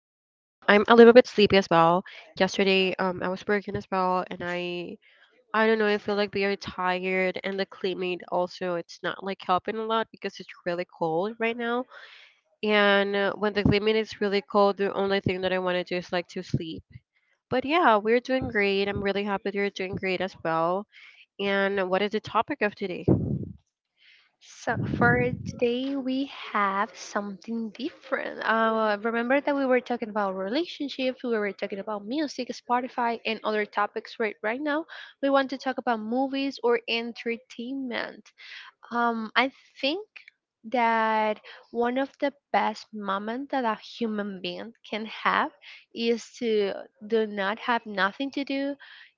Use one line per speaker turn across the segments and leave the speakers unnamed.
I'm a little bit sleepy as well. Yesterday I was working as well, and I don't know, I feel like we are tired and the climate also it's not like helping a lot because it's really cold right now. And when the climate is really cold, the only thing that I want to do is like to sleep. But yeah, we're doing great. I'm really happy you're doing great as well. And what is the topic of today?
So for today we have something different. Remember that we were talking about relationships, we were talking about music, Spotify, and other topics. Right now we want to talk about movies or entertainment. I think that one of the best moments that a human being can have is to do not have nothing to do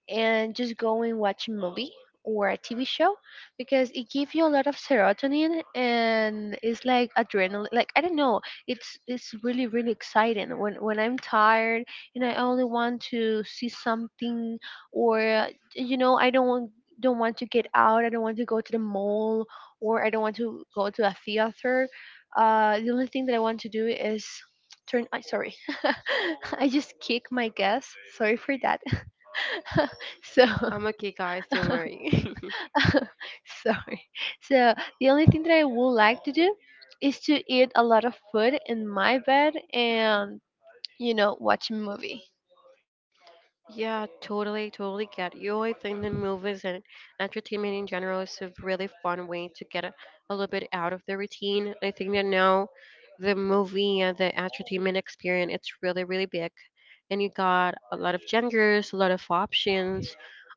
and just go and watch a movie or a TV show because it gives you a lot of serotonin and it's like adrenaline, like I don't know, it's really really exciting when I'm tired and I only want to see something. Or you know, I don't want to get out, I don't want to go to the mall, or I don't want to go to a theater. The only thing that I want to do is turn. I sorry, I just kick my guess. Sorry for that. so
I'm okay, guys. Don't worry.
sorry. So the only thing that I would like to do is to eat a lot of food in my bed and you know watch a movie.
Yeah, totally, totally get you. I think the movies and entertainment in general is a really fun way to get a little bit out of the routine. I think that now the movie and the entertainment experience it's really, really big, and you got a lot of genders, a lot of options.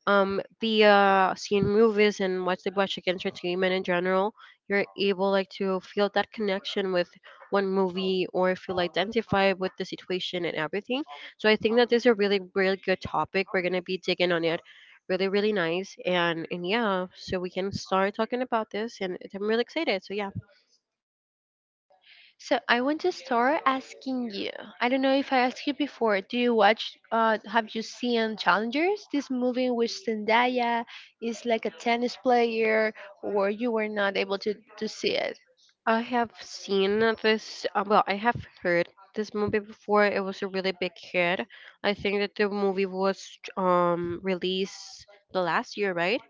Via seeing movies and watching entertainment in general, you're able like to feel that connection with one movie or feel identified with the situation and everything. So I think that this is a really, really good topic. We're gonna be digging on it. Really, really nice. And yeah, so we can start talking about this, and I'm really excited. So yeah.
So I want to start asking you. I don't know if I asked you before. Do you watch? Have you seen Challengers? This movie with Zendaya is like a tennis player, or you were not able to see it?
I have seen this, well, I have heard this movie before. It was a really big hit. I think that the movie was released the last year, right?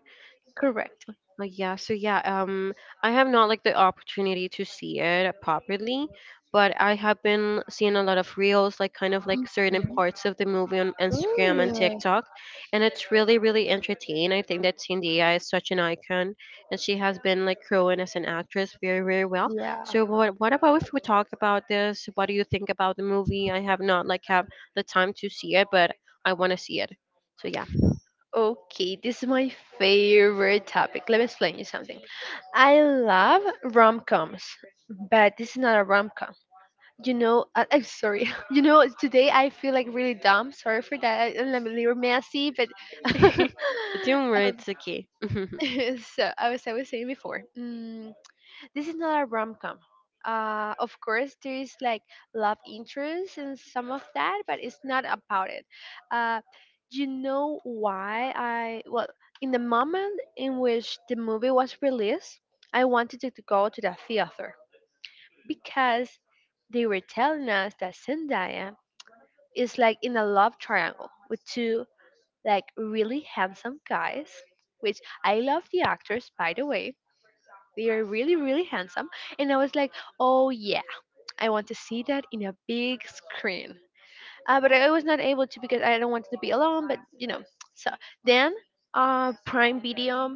Correct.
Oh yeah, so yeah, I have not like the opportunity to see it properly, but I have been seeing a lot of reels, like kind of like certain
Mhm.
parts of the movie on Instagram and
Ooh,
TikTok, and it's really, really entertaining. I think that Cindy is such an icon, and she has been like growing as an actress very, very well.
yeah.
So what about if we talk about this? What do you think about the movie? I have not like have the time to see it, but I want to see it. So yeah.
Okay, this is my favorite topic. Let me explain you something. I love rom coms, but this is not a rom com. I, I'm sorry you know today I feel like really dumb, sorry for that, I'm a little messy but
But Doom were it's okay.
so i was saying before, this is not a rom-com. Of course there is like love interest and some of that but it's not about it. uh, you know why? I well, in the moment in which the movie was released I wanted to, go to the theater because they were telling us that Zendaya is like in a love triangle with two like really handsome guys, which I love the actors by the way. They are really really handsome, and I was like, oh yeah, I want to see that in a big screen. But I was not able to because I don't want to be alone. But you know, so then Prime Video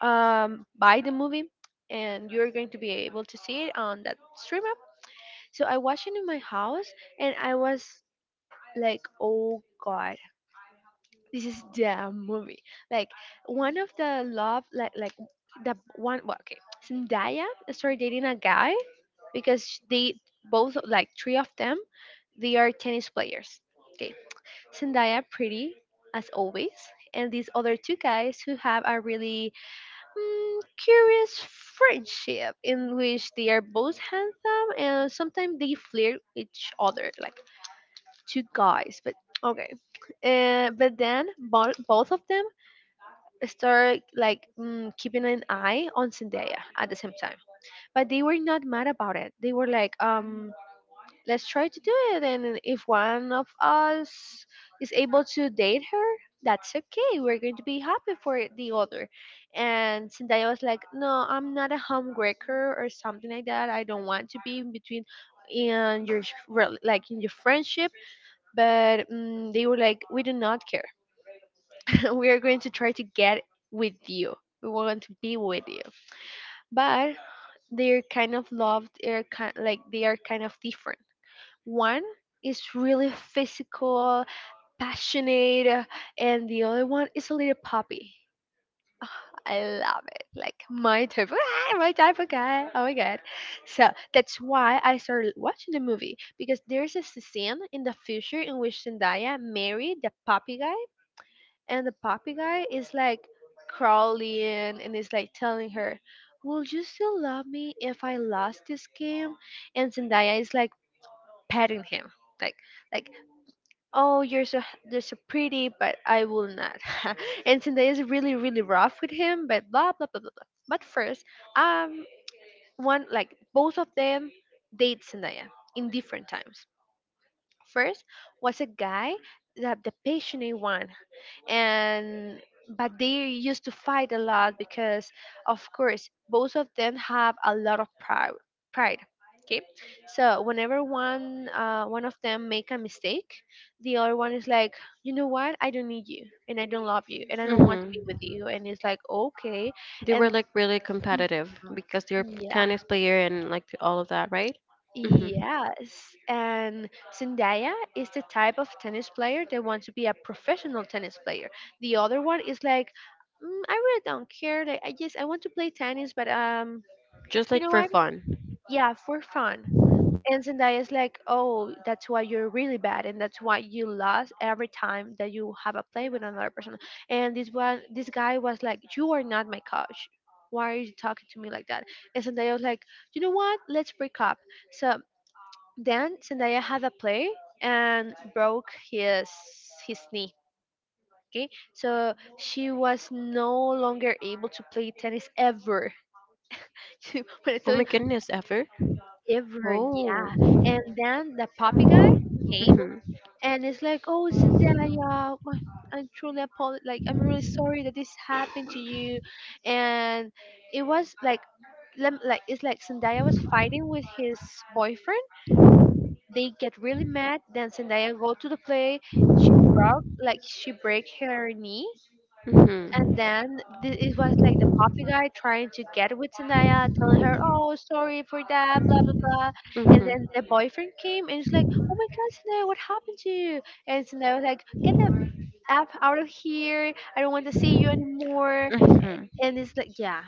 buy the movie. And you're going to be able to see it on that stream app. So I watched it in my house, and I was like, "Oh God, this is the movie. Like one of the love, like the one." Well, okay, Zendaya started dating a guy because they both like three of them. They are tennis players. Okay, Zendaya pretty as always, and these other two guys who have a really curious friendship in which they are both handsome and sometimes they flirt with each other like two guys. But okay, but then both of them start like keeping an eye on Zendaya at the same time. But they were not mad about it. They were like, let's try to do it, and if one of us is able to date her, that's okay. We're going to be happy for the other. And Zendaya was like, no, I'm not a homewrecker or something like that. I don't want to be in between in your like in your friendship but they were like we do not care, we are going to try to get with you. We want to be with you. But they're kind of loved. They're kind like they are kind of different. One is really physical, passionate, and the other one is a little puppy. I love it. Like my type, my type of guy. Oh my god. So that's why I started watching the movie because there's a scene in the future in which Zendaya married the puppy guy and the puppy guy is like crawling and is like telling her, "Will you still love me if I lost this game?" And Zendaya is like petting him, like like, "Oh, you're so pretty, but I will not." And Zendaya is really really rough with him, but blah blah blah blah blah. But first, um, one like both of them date Zendaya in different times. First was a guy that the passionate one, and but they used to fight a lot because of course both of them have a lot of pride. Okay, so whenever one of them make a mistake, the other one is like, you know what, I don't need you and I don't love you and I don't want to be
Hmm.
with you, and it's like okay.
They were
And
like really competitive because they were
mhm, yeah.
tennis player and like all of that, right? Hmm.
Yes, and Zendaya is the type of tennis player that wants to be a professional tennis player. The other one is like, I really don't care. Like, I just I want to play tennis, but
Just
you
like
know
for
what?
fun.
Yeah, for fun. And Zendaya is like, oh, that's why you're really bad, and that's why you lost every time that you have a play with another person. And this one, this guy was like, you are not my coach. Why are you talking to me like that? And Zendaya was like, you know what? Let's break up. So then Zendaya had a play and broke his knee. Okay, so she was no longer able to play tennis ever. When I
Oh
tell you
my goodness, ever?
ever, yeah.
Oh.
And then the puppy guy came
Hmm.
and it's like, oh Zendaya, I'm truly apol like I'm really sorry that this happened to you, and it was like, like it's like Zendaya was fighting with his boyfriend. They get really mad. Then Zendaya go to the play. She broke like she break her knee, and
Hmm.
then it was like the puppy guy trying to get with Zendaya, telling her, "Oh, sorry for that, blah blah blah." And
Hmm.
then the boyfriend came and he's like, "Oh my God, Zendaya, what happened to you?" And Zendaya was like, "Get the app out of here! I don't want to see you anymore."
Hmm.
And it's like, yeah.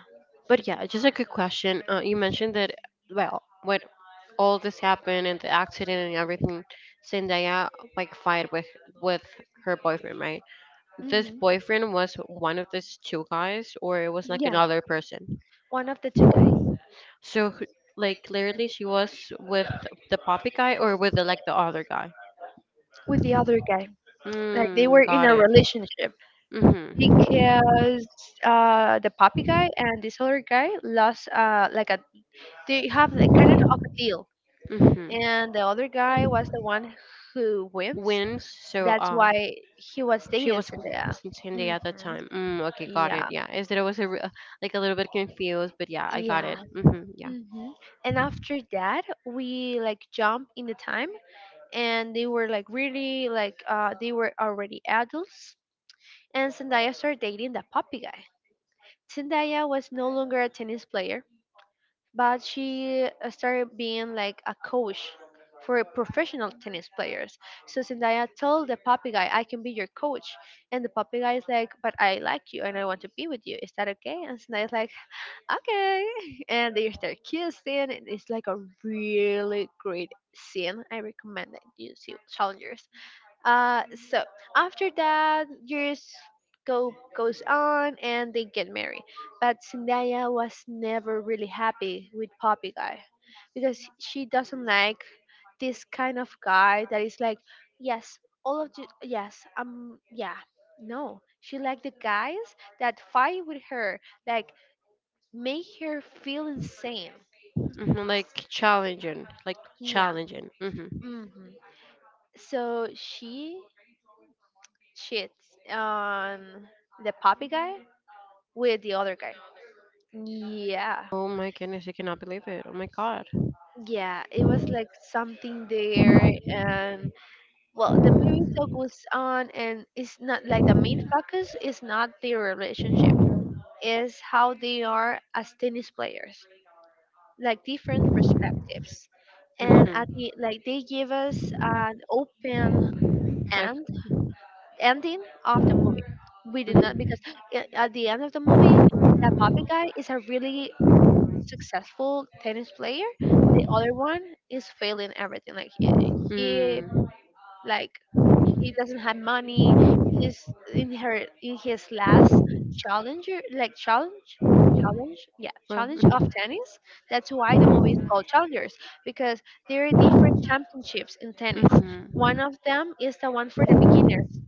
But yeah, just a quick question. You mentioned that, well, when all this happened and the accident and everything, Zendaya like fight with her boyfriend, right? This
Mhm.
boyfriend was one of these two guys, or it was like
Yeah,
another person.
one of the two guys
So, like, clearly she was with the poppy guy or with like the other guy.
with the other guy. Like they
Mm,
were in
got
a
it.
relationship
Mhm.
because the puppy guy and this other guy lost like a, they have like kind of a deal,
Mhm.
and the other guy was the one who wins.
When, so
That's why he was
she
dating
was
Zendaya.
since Hindi
Hmm.
at the time. Mm, okay, got it.
Yeah,
Yeah. Is that I was like a little bit confused, but yeah, I got it.
yeah.
Mhm. Yeah.
Hmm. And after that, we like jump in the time, and they were like really like they were already adults. And Zendaya started dating the puppy guy. Zendaya was no longer a tennis player, but she started being like a coach for professional tennis players. So Zendaya told the puppy guy, "I can be your coach," and the puppy guy is like, "But I like you and I want to be with you. Is that okay?" And Zendaya's like, okay. And they start kissing, and it's like a really great scene. I recommend that you see Challengers. Uh, so after that, years go goes on, and they get married. But Zendaya was never really happy with Poppy guy because she doesn't like this kind of guy that is like, yes, all of you, yes, yeah. No, she liked the guys that fight with her, like make her feel insane.
Mhm. Like challenging. Like
Yeah.
challenging. Mhm.
Hmm. So she cheats on the puppy guy with the other guy. Yeah.
Oh my goodness, I cannot believe it. Oh my god.
Yeah, it was like something there, and well, the movie still goes on, and it's not like the main focus is not their relationship, is how they are as tennis players, like different perspectives, and at the like they give us an open
Like.
end ending of the movie. We did not
Mhm.
because at the end of the movie, that puppy guy is a really successful tennis player. The other one is failing everything. Like he,
Mm.
like he doesn't have money. He's in her in his last challenger like challenge challenge yeah
Well.
challenge of
Mhm.
tennis. That's why the movie is called challengers because there are different championships in tennis, one
Mhm.
of them is the one for the beginners.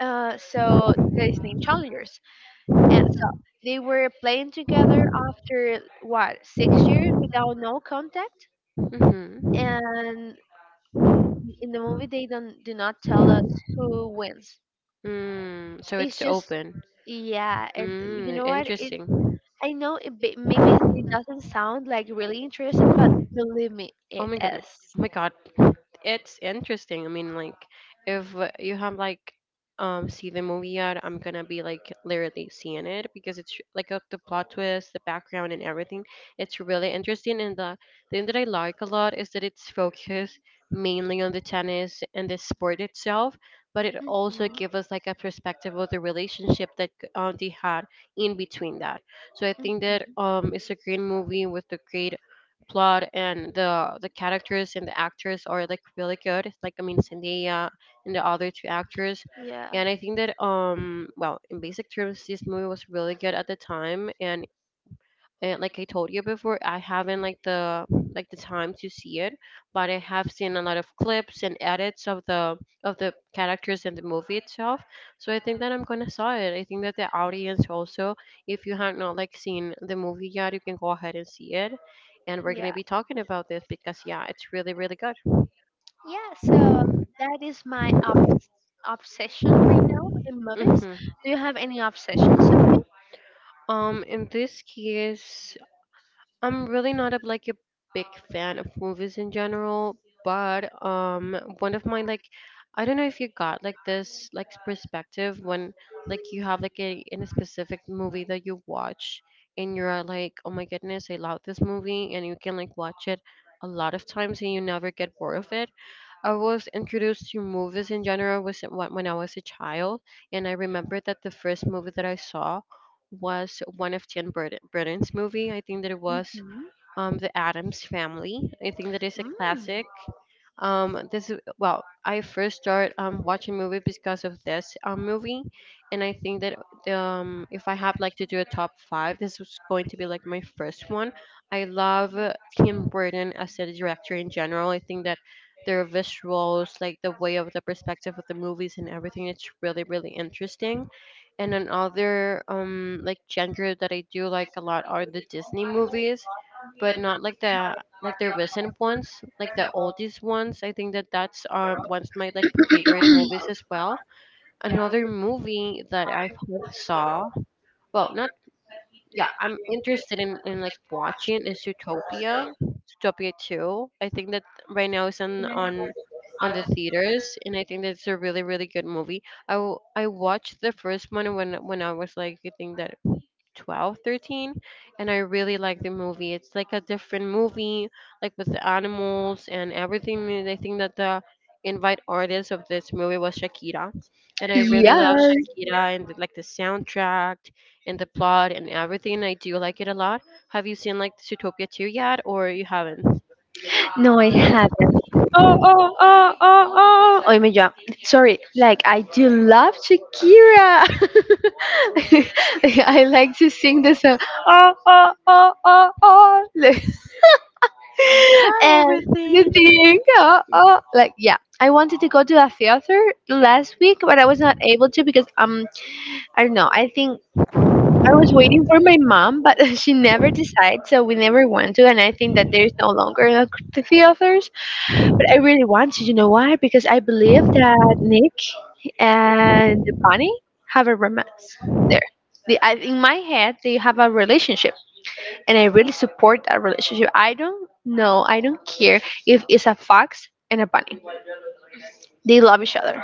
So that is named Challengers. And so they were playing together after what 6 years without no contact.
Mhm.
And n- in the movie, they don't do not tell us who wins.
Mm. So
It's
it's
just
open.
yeah, and you
Mm,
know what? It
interesting.
I know it, maybe it doesn't sound like really interesting, but believe me,
Oh
it
my god.
is.
Oh my god. It's interesting. I mean, like, if you have like, see the movie yet, I'm gonna be like literally seeing it because it's like, the plot twist, the background, and everything. It's really interesting, and the thing that I like a lot is that it's focused mainly on the tennis and the sport itself, but it also
Mhm,
gives us like a perspective of the relationship that they had in between that. So I think that
mhm.
it's a great movie with a great plot, and the characters and the actors are like really good. Like, I mean, Zendaya and the other two actors,
Yeah.
and I think that, well, in basic terms, this movie was really good at the time, and like I told you before, I haven't like the time to see it, but I have seen a lot of clips and edits of the characters and the movie itself. So I think that I'm gonna saw it. I think that the audience also, if you have not like seen the movie yet, you can go ahead and see it. And we're gonna
Yeah.
be talking about this because yeah, it's really really good.
Yeah, so that is my obsession right now in movies.
Hmm.
Do you have any obsessions, Sophie?
In this case, I'm really not like a big fan of movies in general. But one of my, like, I don't know if you got like this, like, perspective when, like, you have like a in a specific movie that you watch, and you're like, oh my goodness, I love this movie, and you can like watch it a lot of times, and you never get bored of it. I was introduced to movies in general was when I was a child, and I remember that the first movie that I saw was one of Burton's movie. I think that it was
Mm-hmm.
The Adams Family. I think that is a
Mm.
classic. This is, well, I first started watching movie because of this movie, and I think that if I have like to do a top five, this was going to be like my first one. I love Tim Burton as a director in general. I think that their visuals, like the way of the perspective of the movies and everything, it's really really interesting. And another like genre that I do like a lot are the Disney movies, but not like the recent ones, like the oldest ones. I think that that's one of my like favorite movies as well. Another movie that I have saw, well, not yeah, I'm interested in, like watching is Utopia 2. I think that right now it's on the theaters, and I think that's a really really good movie. I watched the first one when I was like I think that 12, 13, and I really like the movie. It's like a different movie, like with the animals and everything, and I think that the invite artist of this movie was Shakira, and I really love
Yes.
Shakira and like the soundtrack and the plot and everything. I do like it a lot. Have you seen like Zootopia 2 yet, or you haven't?
No, I haven't. Oh, oh, oh, oh, oh. Oh my God. Sorry. Like, I do love Shakira. I like to sing the song. Oh, oh, oh, oh, oh.
Try
And the
everything.
thing. Oh, oh. Like, yeah. I wanted to go to a theater last week, but I was not able to because, I don't know. I think I was waiting for my mom, but she never decides, so we never went to. And I think that there's no longer a theater, but I really want to. You know why? Because I believe that Nick and Bunny have a romance there. They, I, in my head, they have a relationship, and I really support that relationship. I don't know. I don't care if it's a fox and a bunny. They love each other.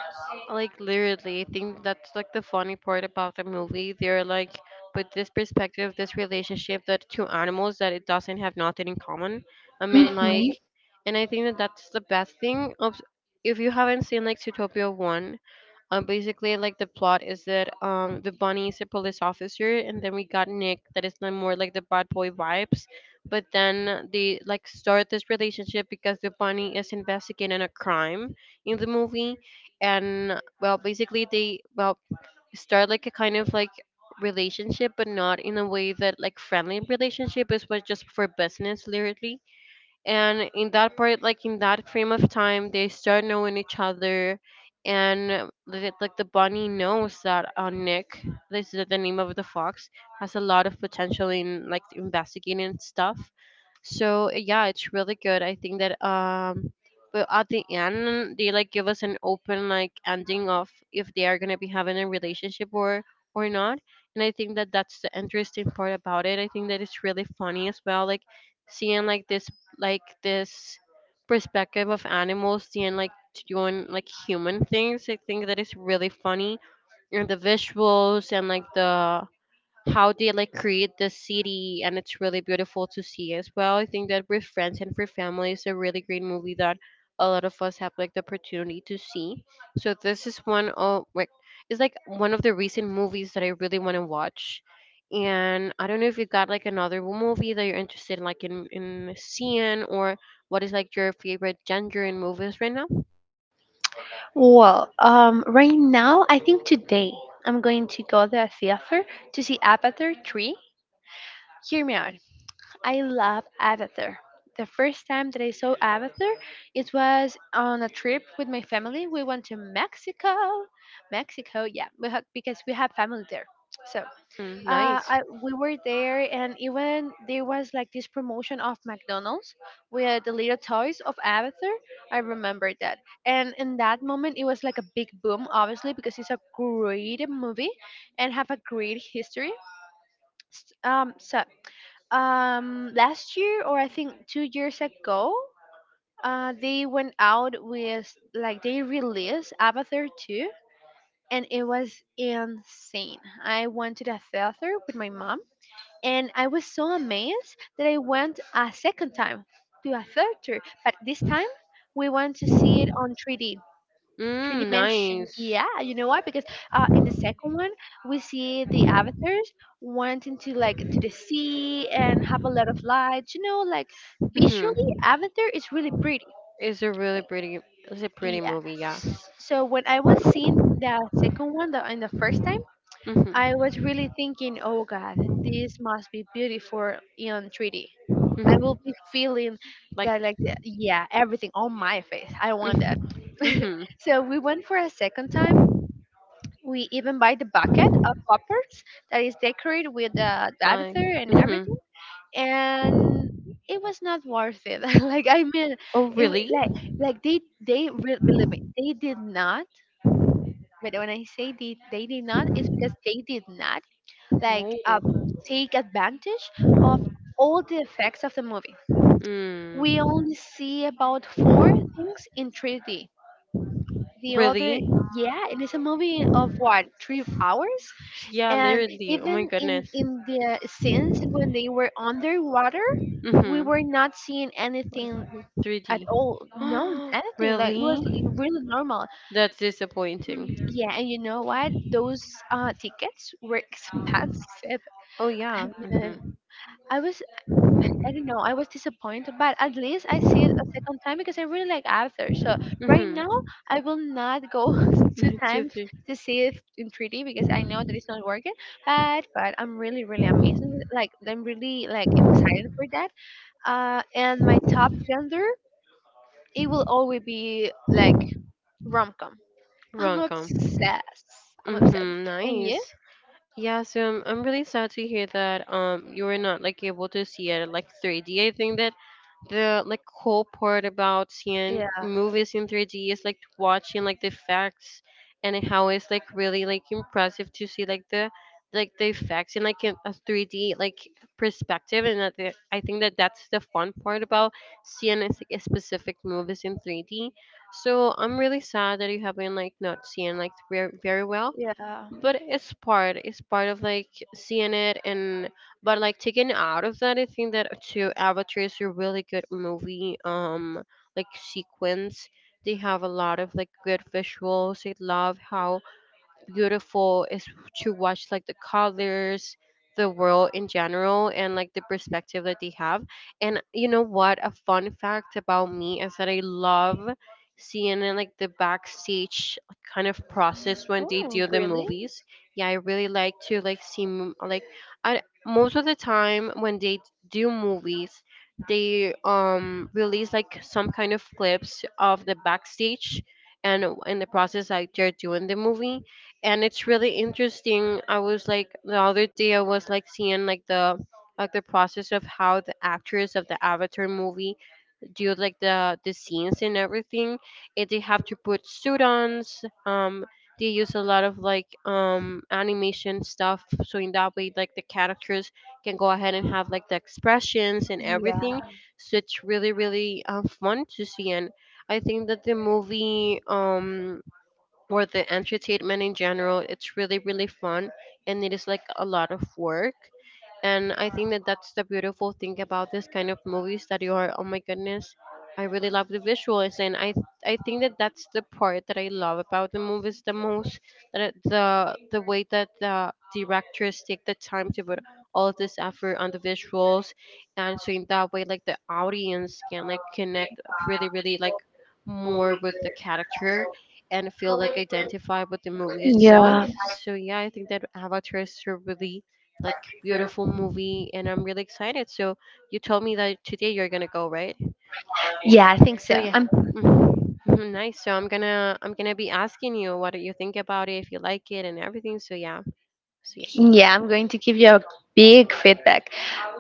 Like, literally, I think that's like the funny part about the movie. They're like with this perspective, this relationship, that two animals that it doesn't have nothing in common, I mean, like.
hmm
And I think that that's the best thing of, if you haven't seen like Zootopia 1, basically like the plot is that the bunny is a police officer, and then we got Nick that is like more like the bad boy vibes, but then they like start this relationship because the bunny is investigating a crime in the movie. And well, basically they, well, start like a kind of like relationship, but not in a way that like friendly relationship is, but just for business literally. And in that part, like in that frame of time, they start knowing each other, and like the bunny knows that, Nick, this is the name of the fox, has a lot of potential in like investigating and stuff. So yeah, it's really good. I think that but at the end they like give us an open like ending of if they are going to be having a relationship or not. And I think that that's the interesting part about it. I think that it's really funny as well, like seeing like this perspective of animals and like doing like human things. I think that is really funny, and the visuals and like the how they like create the city, and it's really beautiful to see as well. I think that with friends and for family, is a really great movie that a lot of us have like the opportunity to see. So this is one of like, it's like one of the recent movies that I really want to watch. And I don't know if you got like another movie that you're interested in, like in, seeing, or what is like your favorite genre in movies right now.
Well, right now, I think today I'm going to go to the theater to see Avatar 3. Hear me out. I love Avatar. The first time that I saw Avatar, it was on a trip with my family. We went to Mexico. Mexico, yeah, we had, because we have family there. So
Mm, nice.
we were there, and even there was like this promotion of McDonald's with the little toys of Avatar. I remember that. And in that moment, it was like a big boom, obviously, because it's a great movie and have a great history. So last year or I think 2 years ago, they went out with like they released Avatar 2 and it was insane. I went to the theater with my mom and I was so amazed that I went a second time to a theater, but this time we went to see it on 3D, three
Mm,
dimension.
nice.
Yeah, you know why? Because in the second one, we see the avatars wanting to like into the sea and have a lot of lights. You know, like visually,
Hmm.
Avatar is really pretty.
it's a really
Right?
pretty it's a pretty
Yeah.
movie, yeah.
So when I was seeing the second one, the in the first time,
Mhm.
I was really thinking, "Oh God, this must be beautiful in 3 D. I
Mhm.
will be feeling
Like.
that, like, the, yeah, everything on my face. I want that."
Mm-hmm. Mm-hmm.
So we went for a second time, we even buy the bucket of poppers that is decorated with the diver
I.
and
Mm-hmm.
everything, and it was not worth it. Like I mean,
Oh,
it
really?
wa- like they re- believe me, they did not. But when I say they did not, it's because they did not like
Oh.
take advantage of all the effects of the movie. We
Mm.
only see about four things in 3D. The other,
Really?
yeah, and it's a movie of what, 3 hours,
Yeah,
and
literally. Oh my
even in
goodness.
in the scenes when they were underwater, we were
Mm-hmm.
not seeing anything at
3D.
all, no anything, like it was
Really?
really normal.
That's
Mm,
disappointing.
yeah, and you know what, those tickets were expensive.
Oh
I
yeah.
mean,
Mhm.
i was I don't know. I was disappointed, but at least I see it a second time because I really like Arthur. So right now,
Mhm.
I will not go two
Two,
times
three.
to see it in 3D because I know that it's not working. But I'm really really amazed. Like I'm really like I'm excited for that. And my top gender, it will always be like rom com. I'm
Rom-com.
obsessed. I'm obsessed.
Mhm.
And you?
Nice. Yeah. So I'm really sad to hear that you were not like able to see it at like 3D. I think that the like cool part about seeing
Yeah,
movies in 3D is like watching like the effects and how it's like really like impressive to see like the effects in like in a 3D like perspective and I think that that's the fun part about seeing it's, like, specific movies in 3D. So I'm really sad that you have been like not seeing like very, very well
yeah.
but it's part of like seeing it and but like taken out of that, I think that too, Avatar is a really good movie, like sequence. They have a lot of like good visuals. I love how beautiful is to watch like the colors, the world in general, and like the perspective that they have. And you know what, a fun fact about me is that I love seeing, like, the backstage kind of process when they
Oh,
do the
really?
movies. Yeah, I really like to like like I, most of the time when they do movies, they release like some kind of clips of the backstage and in the process like they're doing the movie, and it's really interesting. I was like the other day I was like seeing like the process of how the actors of the Avatar movie do like the scenes and everything. And they have to put suit on. Um, they use a lot of like animation stuff, so in that way like the characters can go ahead and have like the expressions and everything.
Yeah.
So it's really really fun to see, and I think that the movie or the entertainment in general, it's really, really fun, and it is like a lot of work. And I think that that's the beautiful thing about this kind of movies that you are, oh my goodness, I really love the visuals. I think that that's the part that I love about the movies the most, the way that the directors take the time to put all of this effort on the visuals. And so in that way, like the audience can like connect really, really like more with the character and feel like identified with the movie itself.
Yeah.
So yeah, I think that Avatar is a really like beautiful movie and I'm really excited. So you told me that today you're gonna go, right?
Yeah, I think so.
So yeah.
I'm
Mhm. Mhm, nice. So I'm gonna be asking you what do you think about it, if you like it, and everything. So yeah, so yeah.
Yeah, I'm going to give you a big feedback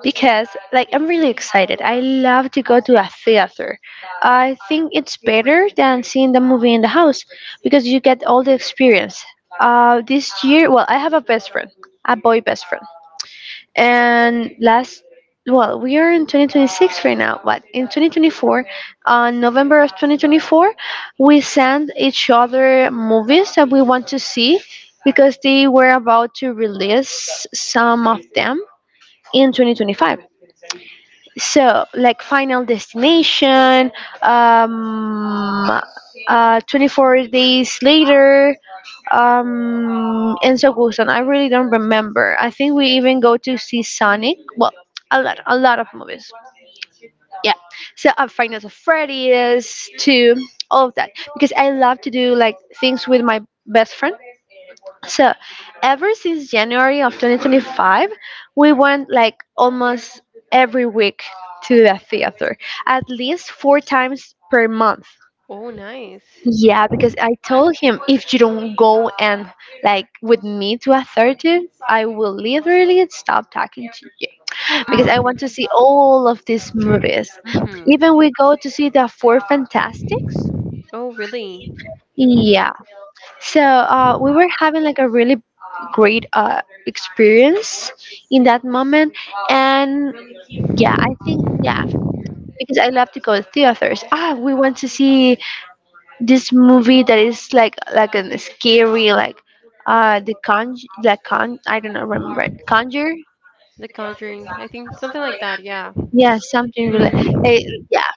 because, like, I'm really excited. I love to go to a theater. I think it's better than seeing the movie in the house because you get all the experience. This year, well, I have a best friend, a boy best friend, and last, well, we are in 2026 right now, but in 2024, on november of 2024, we sent each other movies that we want to see because they were about to release some of them in 2025. So like Final Destination, um 24 Days Later, in Sagusan. I really don't remember. I think we even go to see Sonic. Well, a lot of movies. Yeah, so Finals of Freddy's too, all of that because I love to do like things with my best friend. So, ever since January of 2025, we went like almost every week to the theater, at least 4 times per month.
Oh, nice.
Yeah, because I told him if you don't go and like with me to a therapist, I will literally stop talking to you because I want to see all of these movies.
Hmm.
Even we go to see the Four Fantastics.
Oh, really? Hmm.
Yeah. So we were having like a really great experience in that moment, and yeah, I think yeah, because I love to go to theaters. Ah, we want to see this movie that is like a scary like the con like con I don't know remember it. Conjure,
The Conjuring, I think, something like that. Yeah.
yeah, something really,
Hmm.
eh, yeah,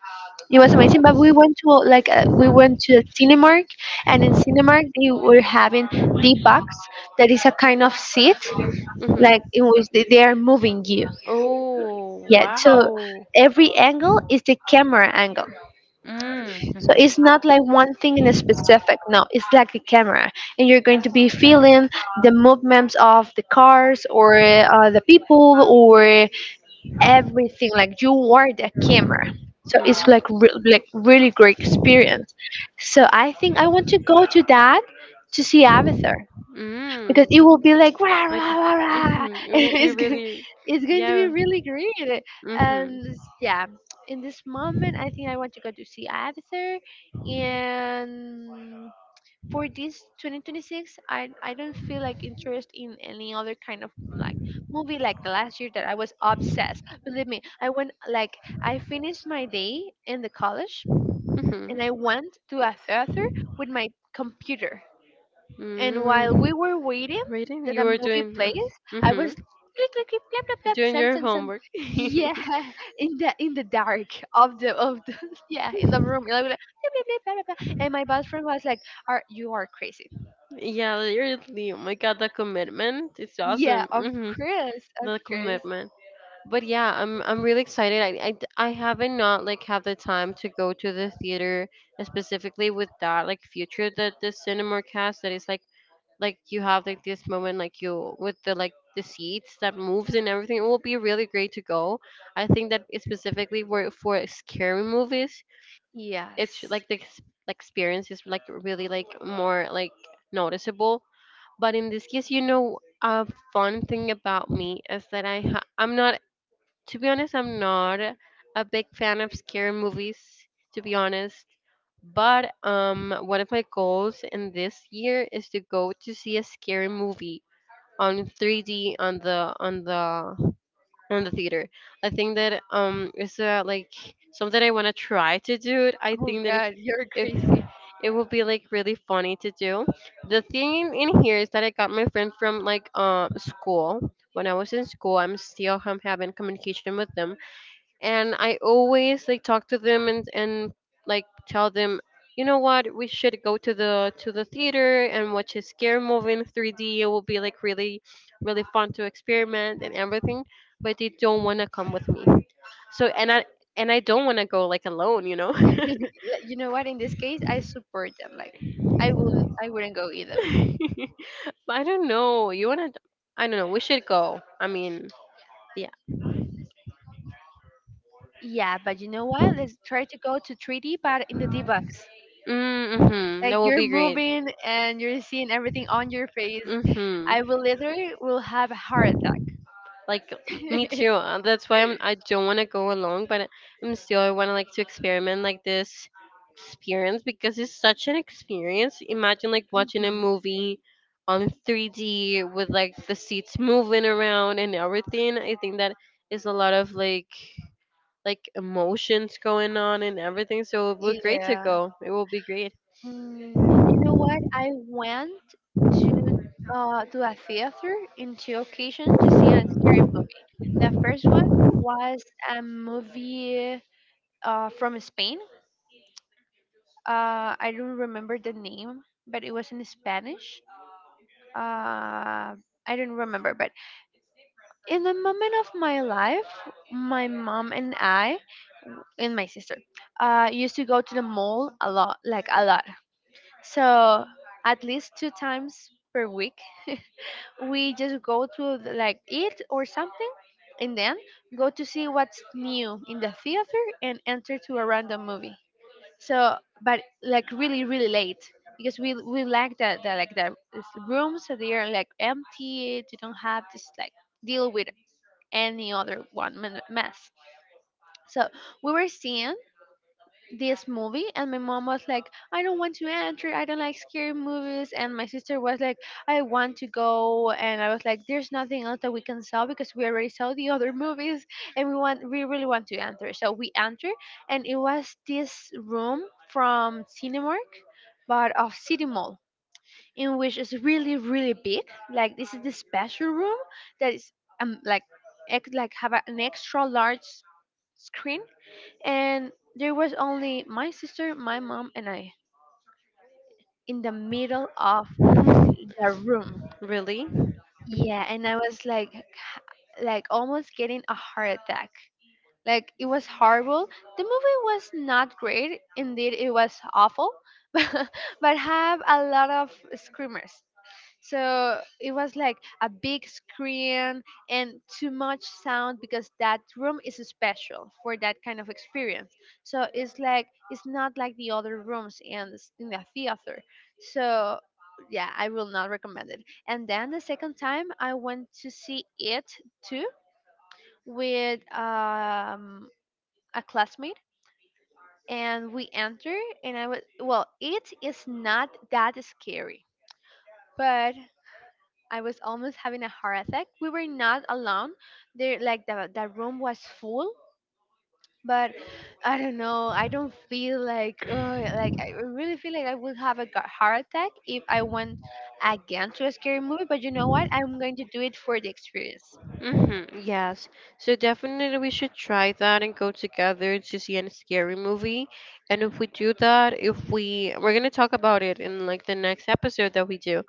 it was amazing, but we went to a Cinemark, and in Cinemark they were having the box that is a kind of seat,
Hmm.
like it was, they are moving you,
Oh,
yeah, so
wow.
every angle is the camera angle. So
Mm.
it's not like one thing in a specific. No, it's like the camera, and you're going to be feeling the movements of the cars or the people or everything. Like you are the camera. So it's
Mm.
like really great experience. So I think I want to go to that to see Avatar because it
Mm.
will be like rah,
Like,
rah, rah, rah.
mm-hmm. It
And
will be really,
it's going to be
yeah.
really great. And
Mm-hmm.
yeah, in this moment I think I want to go to see Avatar. And for this 2026 I don't feel like interest in any other kind of like movie. Like the last year that I was obsessed, believe me, I went like I finished my day in the college
Mm-hmm.
and I went to a theater with my computer, and while
Mm.
we were waiting
Reading?
that
You
the
were
movie
doing,
plays, I was
mm-hmm.
click click click blap blap blap
Doing your
sentence, and
homework. Yeah,
yeah, in the dark of the yeah, in the room like blap, blap, blap, blap, blap, blap. And my best friend was like, are you are crazy?
literally. Oh my god, the commitment. It's
Yeah,
awesome.
of
Mm-hmm.
course, of
The
course.
commitment. But yeah, I'm really excited. I haven't not like had the time to go to the theater, specifically with that like future that the cinema cast that is like you have like this moment like you with the like the seats that moves and everything. It will be really great to go. I think that it's specifically for scary movies, it's
Yes.
like like, experience is like really like more like noticeable. But in this case, you know, a fun thing about me is that I'm not, to be honest, I'm not a big fan of scary movies, to be honest. But one of my goals in this year is to go to see a scary movie on 3D on the theater. I think that, it's, like, something I want to try to do. It. I
Oh
think that it's
god, you're
if
crazy.
it will be like really funny to do. The thing in here is that I got my friend from like, school. When I was in school, I'm still, having communication with them and I always like talk to them and like tell them, you know what, we should go to the theater and watch a scare movie in 3D. It will be like really really fun to experiment and everything, but they don't want to come with me. So and I don't want to go like alone, you know.
Like, you know what, in this case I support them, like I wouldn't go either.
But I don't know. You wanna? I don't know. We should go. I mean, yeah.
Yeah, but you know what, let's try to go to 3D but in the d-box,
Mm-hmm. That
like
will
you're
be great.
moving and you're seeing everything on your face.
Mm-hmm.
I will literally will have a heart
Me
attack.
too. That's why I'm. I don't want to go along, but I'm still. I want to like to experiment like this experience because it's such an experience. Imagine like watching a
Mhm.
movie on 3D with like the seats moving around and everything. I think that is a lot of like emotions going on and everything. So it would be great to
Yeah.
go. It will be great.
Mm, you know what, I went to to a theater in two occasions to see a scary movie. The first one was a movie from spain, I don't remember the name but it was in spanish, uh, I don't remember but in the moment of my life, my mom and I and my sister used to go to the mall a lot, like a lot. So at least 2 times per week, we just go to the- like eat or something, and then go to see what's new in the theater and enter to a random movie. So, but like really, really late because we like that, that like the rooms that they are like empty. You don't have this like deal with any other mess. So we were seeing this movie, and my mom was like, "I don't want to enter, I don't like scary movies." And my sister was like, "I want to go." And I was like, "There's nothing else that we can sell because we already saw the other movies and we really want to enter." So we enter, and it was this room from Cinemark, but of City Mall, in which is really really big, like this is the special room that is um like have an extra large screen, and there was only my sister, my mom, and I in the middle of the room.
Really?
Yeah, and I was like, like almost getting a heart attack. Like it was horrible. The movie was not great indeed, it was awful, but have a lot of screamers. So it was like a big screen and too much sound because that room is special for that kind of experience. So it's like it's not like the other rooms in in the theater. So yeah, I will not recommend it. And then the second time I went to see it too with a classmate, and we enter and I was, well, it is not that scary, but I was almost having a heart attack. We were not alone. There, like the room was full, but I don't know. I don't feel like ugh, like I really feel like I would have a heart attack if I went again to a scary movie. But you know what? I'm going to do it for the experience.
Mm-hmm, yes. So definitely we should try that and go together to see a scary movie. And if we do that, if we we're gonna talk about it in like the next episode that we do.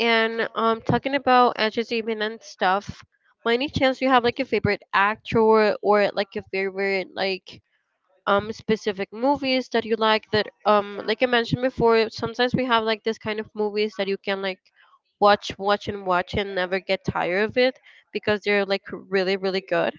And talking about entertainment and stuff, by any chance you have like a favorite actor or like a favorite like specific movies that you like that like I mentioned before, sometimes we have like this kind of movies that you can like watch and watch and never get tired of it because they're like really really good.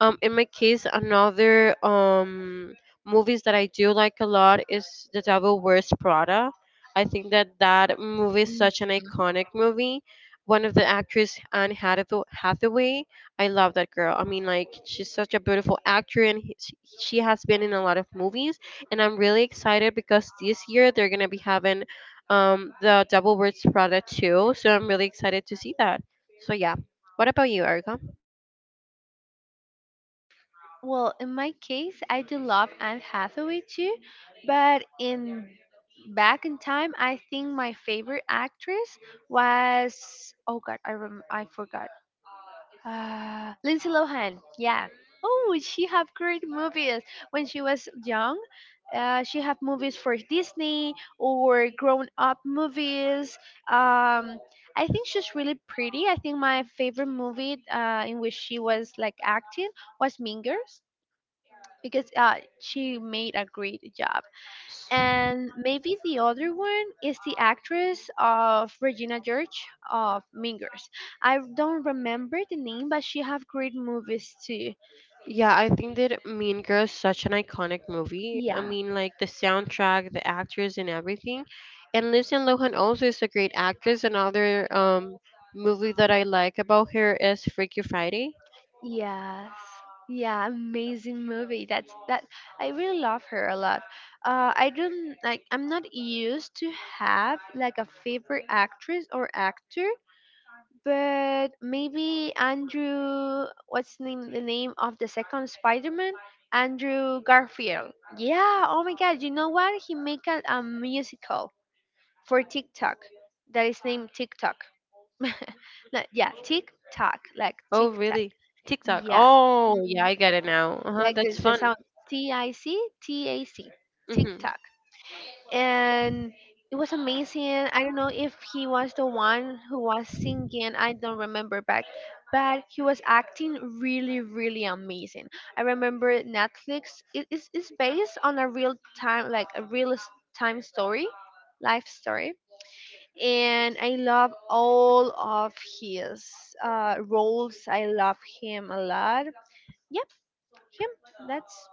In my case, another movies that I do like a lot is The Devil Wears Prada. I think that that movie is
Mm.
such an iconic movie. One of the actress, Hathaway, I love that girl. I mean, like she's such a beautiful actor, and she has been in a lot of movies. And I'm really excited because this year they're gonna be having the Devil Wears Prada too. So I'm really excited to see that. So yeah, what about you, Erica?
Well, in my case, I do love Anne Hathaway too, but in back in time, I think my favorite actress was, oh god, I forgot. Lindsay Lohan, yeah. Oh, she have great movies. When she was young, she have movies for Disney or grown up movies. Um, I think she's really pretty. I think my favorite movie, in which she was like acting was Mean Girls, because she made a great job. And maybe the other one is the actress of Regina George of Mean Girls. I don't remember the name, but she have great movies too.
Yeah, I think that Mean Girls is such an iconic movie. I
Yeah,
mean, like the soundtrack, the actors, and everything. And Lindsay Lohan also is a great actress. Another movie that I like about her is Freaky Friday.
yes, yeah, amazing movie. That's that. I really love her a lot. I don't like. I'm not used to have like a favorite actress or actor, but maybe Andrew, what's the name of the second Spider-Man? Andrew Garfield. Yeah. Oh my God. You know what? He make a musical for TikTok that is named TikTok. No, yeah, TikTok, like
Oh,
TikTok.
really? TikTok.
Yeah.
Oh, yeah,
Mm,
I get it now. Uh huh.
like the,
That's
the
fun.
sound TICTAC,
Mm-hmm.
TikTok, and it was amazing. I don't know if he was the one who was singing. I don't remember back, but he was acting really, really amazing. I remember Netflix, it's based on a real time, like a real time story, life story. And I love all of his roles. I love him a lot. Yep, him. That's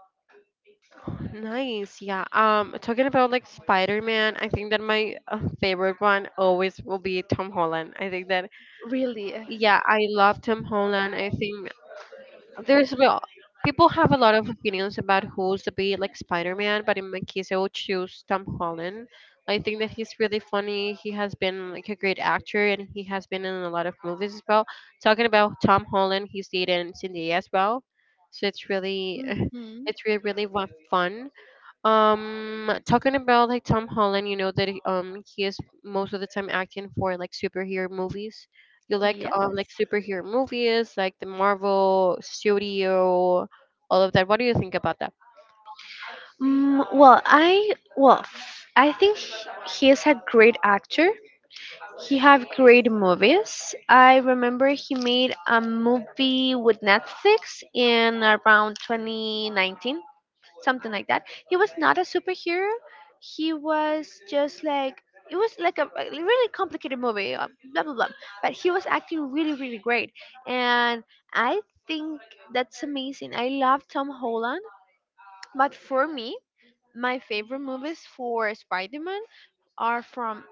Nice. Yeah. Talking about like Spider-Man, I think that my, favorite one always will be Tom Holland. I think that
really.
yeah, I love Tom Holland. I think there's well, people have a lot of opinions about who's the be like Spider-Man, but in my case, I would choose Tom Holland. I think that he's really funny. He has been like a great actor, and he has been in a lot of movies as well. Talking about Tom Holland, he's dated in Zendaya as well, so it's really,
Hmm.
it's really fun. Talking about like Tom Holland, you know that he is most of the time acting for like superhero movies. You
Yes.
like superhero movies, like the Marvel studio, all of that. What do you think about that?
Mm, well, I well, I think he is a great actor. He have great movies. I remember he made a movie with Netflix in around 2019, something like that. He was not a superhero. He was just like, it was like a really complicated movie, blah blah blah. But he was acting really really great, and I think that's amazing. I love Tom Holland, but for me, my favorite movies for Spider-Man are from,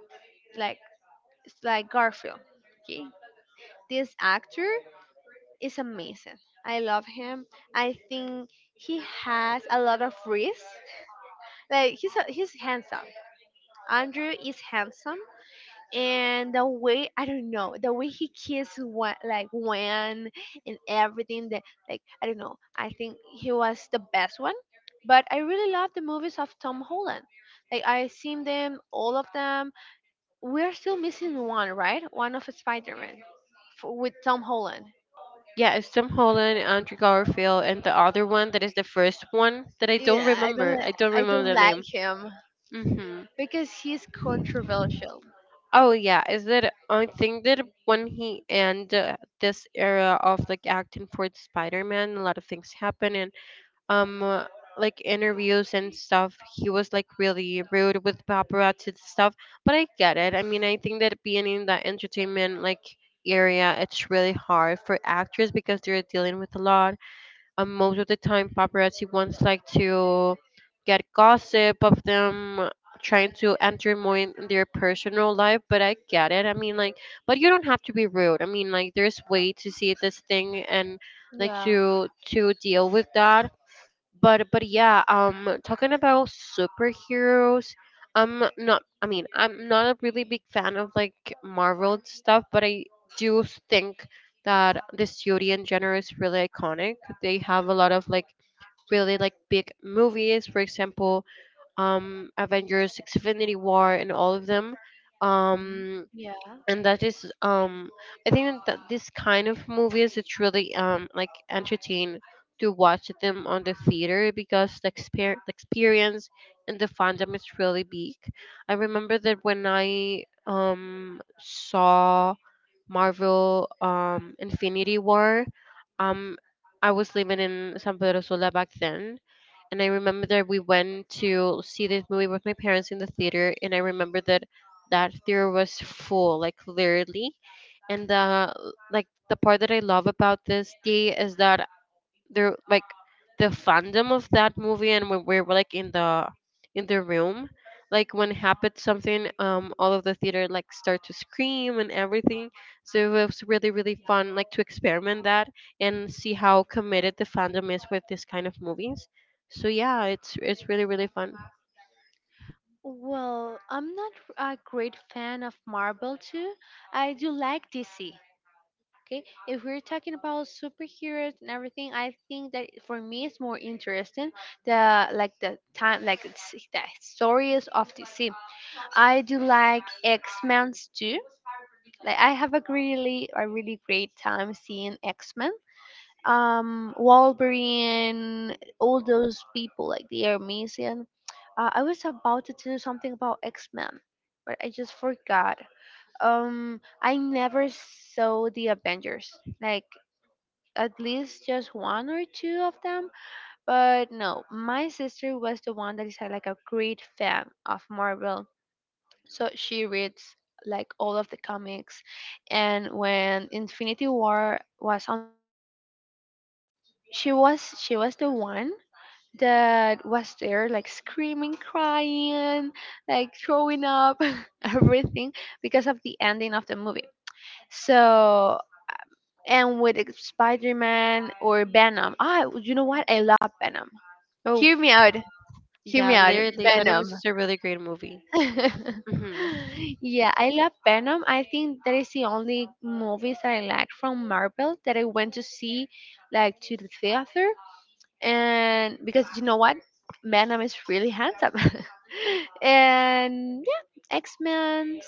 like, it's like Garfield. Okay, this actor is amazing. I love him. I think he has a lot of risk. Like he's handsome. Andrew is handsome, and the way, I don't know, the way he kissed one like when and everything that, like, I don't know. I think he was the best one. But I really love the movies of Tom Holland. Like, I've seen them, all of them. We're still missing one, right? One of Spider-Man with Tom Holland.
Yeah, it's Tom Holland, Andrew Garfield, and the other one that is the first one that I don't
Yeah,
remember. I don't
I
remember
don't
the name.
like him
Mm-hmm.
because he's controversial.
Oh yeah, is that I think that when he and, this era of like acting for Spider-Man, a lot of things happen, and um uh, like interviews and stuff he was like really rude with paparazzi and stuff, but I get it. I mean, I think that being in the entertainment like area, it's really hard for actors because they're dealing with a lot. Most of the time paparazzi wants like to get gossip of them, trying to enter more in their personal life, but I get it. I mean, like, but you don't have to be rude. I mean, like there's way to see this thing and like
Yeah.
to deal with that. But yeah, talking about superheroes, I'm not, I mean, I'm not a really big fan of like Marvel stuff, but I do think that the studio in general is really iconic. They have a lot of like really like big movies. For example, Avengers Infinity War and all of them.
Mhm.
um
Yeah.
and that is, I think that this kind of movies, it's really like entertaining to watch them on the theater because the experience and the fandom is really big. I remember that when I saw Marvel, Infinity War, um I was living in San Pedro Sula back then, and I remember that we went to see this movie with my parents in the theater, and I remember that that theater was full, like literally. And the the part that I love about this day is that there like the fandom of that movie, and when we were like in the room, like when happened something, all of the theater like start to scream and everything. So it was really fun, like to experiment that and see how committed the fandom is with this kind of movies. So yeah, it's really fun.
Well, I'm not a great fan of Marvel too. I do like DC. Okay, if we're talking about superheroes and everything, I think that for me it's more interesting, the like the time, like the stories of DC. I do like X Men too. Like, I have a really great time seeing X Men, Wolverine, all those people. Like, they are amazing. I was about to do something about X Men, but I just forgot. I never saw the Avengers. Like, at least just one or two of them. But no, my sister was the one that is, like a great fan of Marvel, so she reads like all of the comics, and when infinity war was on the, she was the one that was there, like screaming, crying, like throwing up everything because of the ending of the movie. So, and with spider-man or venom, ah, you know what, I love venom.
Oh
Hear me out. Hear me
yeah,
out.
literally Venom is
Venom.
just a really great movie. Hmm.
Yeah, I love Venom. I think that is the only movies I like from Marvel that I went to see, like, to the theater. And because, you know what? Venom is really handsome. And yeah, X-Men,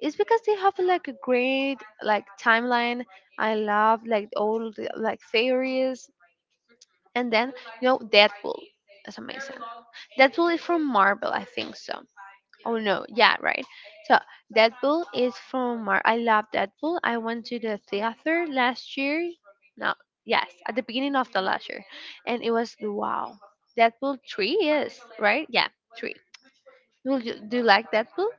it's because they have like a great like timeline. I love like all the like theories. And then, you know, Deadpool. That's amazing. Deadpool is from Marvel, I think so. Oh no, yeah, right. So Deadpool is from Mar. I love Deadpool. I went to the theater last year. No, yes, at the beginning of the last year, and it was wow. Deadpool 3 is, right. Yeah, three. Do you like Deadpool?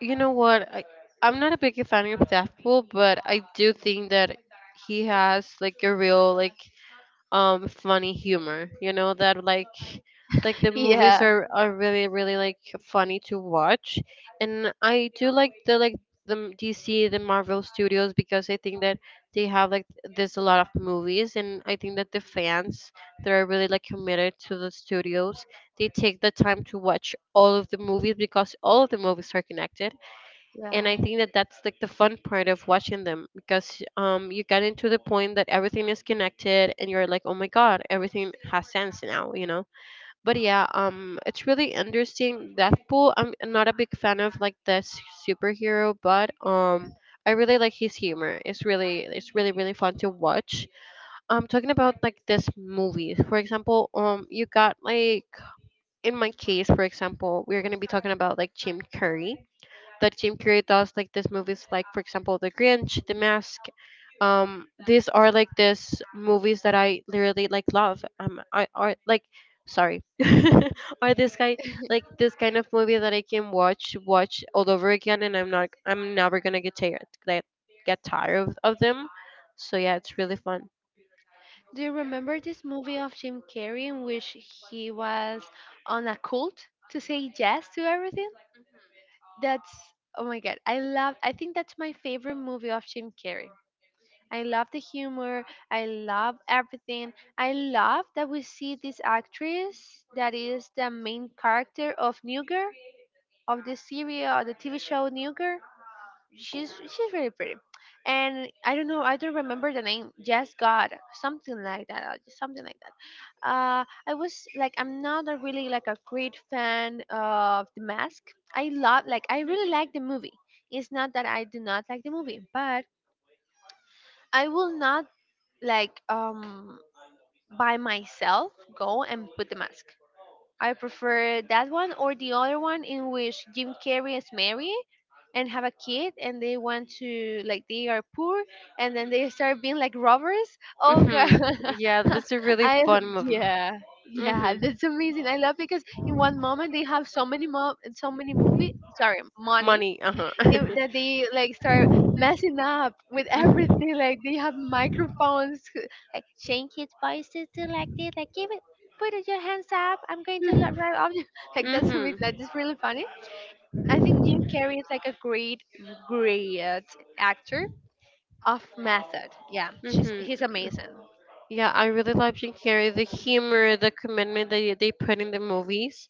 You know what? I'm not a big fan of Deadpool, but I do think that he has like a real like funny humor. You know that like the movies
Yeah,
are really like funny to watch, and I do like the like DC, the Marvel Studios, because I think that they have like there's a lot of movies, and I think that the fans that are really like committed to the studios, they take the time to watch all of the movies because all of the movies are connected. And
yeah.
I think that that's like the fun part of watching them, because you get into the point that everything is connected and you're like, oh my god, everything has sense now, you know. But yeah, it's really interesting. Deathpool, I'm not a big fan of like superhero, but I really like his humor. It's really it's really fun to watch. Talking about like this movie. For example, you got like in my case, for example, we're going to be talking about like Jim Curry, that Jim Carrey does, like these movies, like for example, The Grinch, The Mask. These are like these movies that I literally like love. I are like, sorry, are this guy like this kind of movie that I can watch all over again, and I'm never gonna get tired, like get tired of them. So yeah, it's really fun.
Do you remember this movie of Jim Carrey in which he was on a cult to say yes to everything? That's Oh my god, I love. I think that's my favorite movie of Jim Carrey. I love the humor. I love everything. I love that we see this actress that is the main character of New Girl, of the series or the TV show New Girl. She's really pretty. And I don't know, I don't remember the name. Yes, God, something like that, something like that. I was like, I'm not a really like a great fan of The Mask. I love, like, I really like the movie. It's not that I do not like the movie, but I will not like, by myself go and put the mask. I prefer that one or the other one in which Jim Carrey is married and have a kid and they want to, like, they are poor, and then they start being like robbers. Oh god.
Hmm. Yeah, this is a really
I
fun movie.
Yeah. Yeah,
Mhm.
that's amazing. I love because in one moment they have so many movie, sorry, money,
Money, uh huh.
it, that they like start messing up with
Mhm.
everything. Like, they have microphones, like Shane kids voices to, like this, like, give it, put it your hands up. I'm going to let
Mhm.
right off you. Like,
Mhm.
that is really funny. I think Jim Carrey is like a great, great actor of method. Yeah, she's
Mhm.
he's amazing.
Yeah, I really love Jim Carrey. The humor, the commitment that they put in the movies.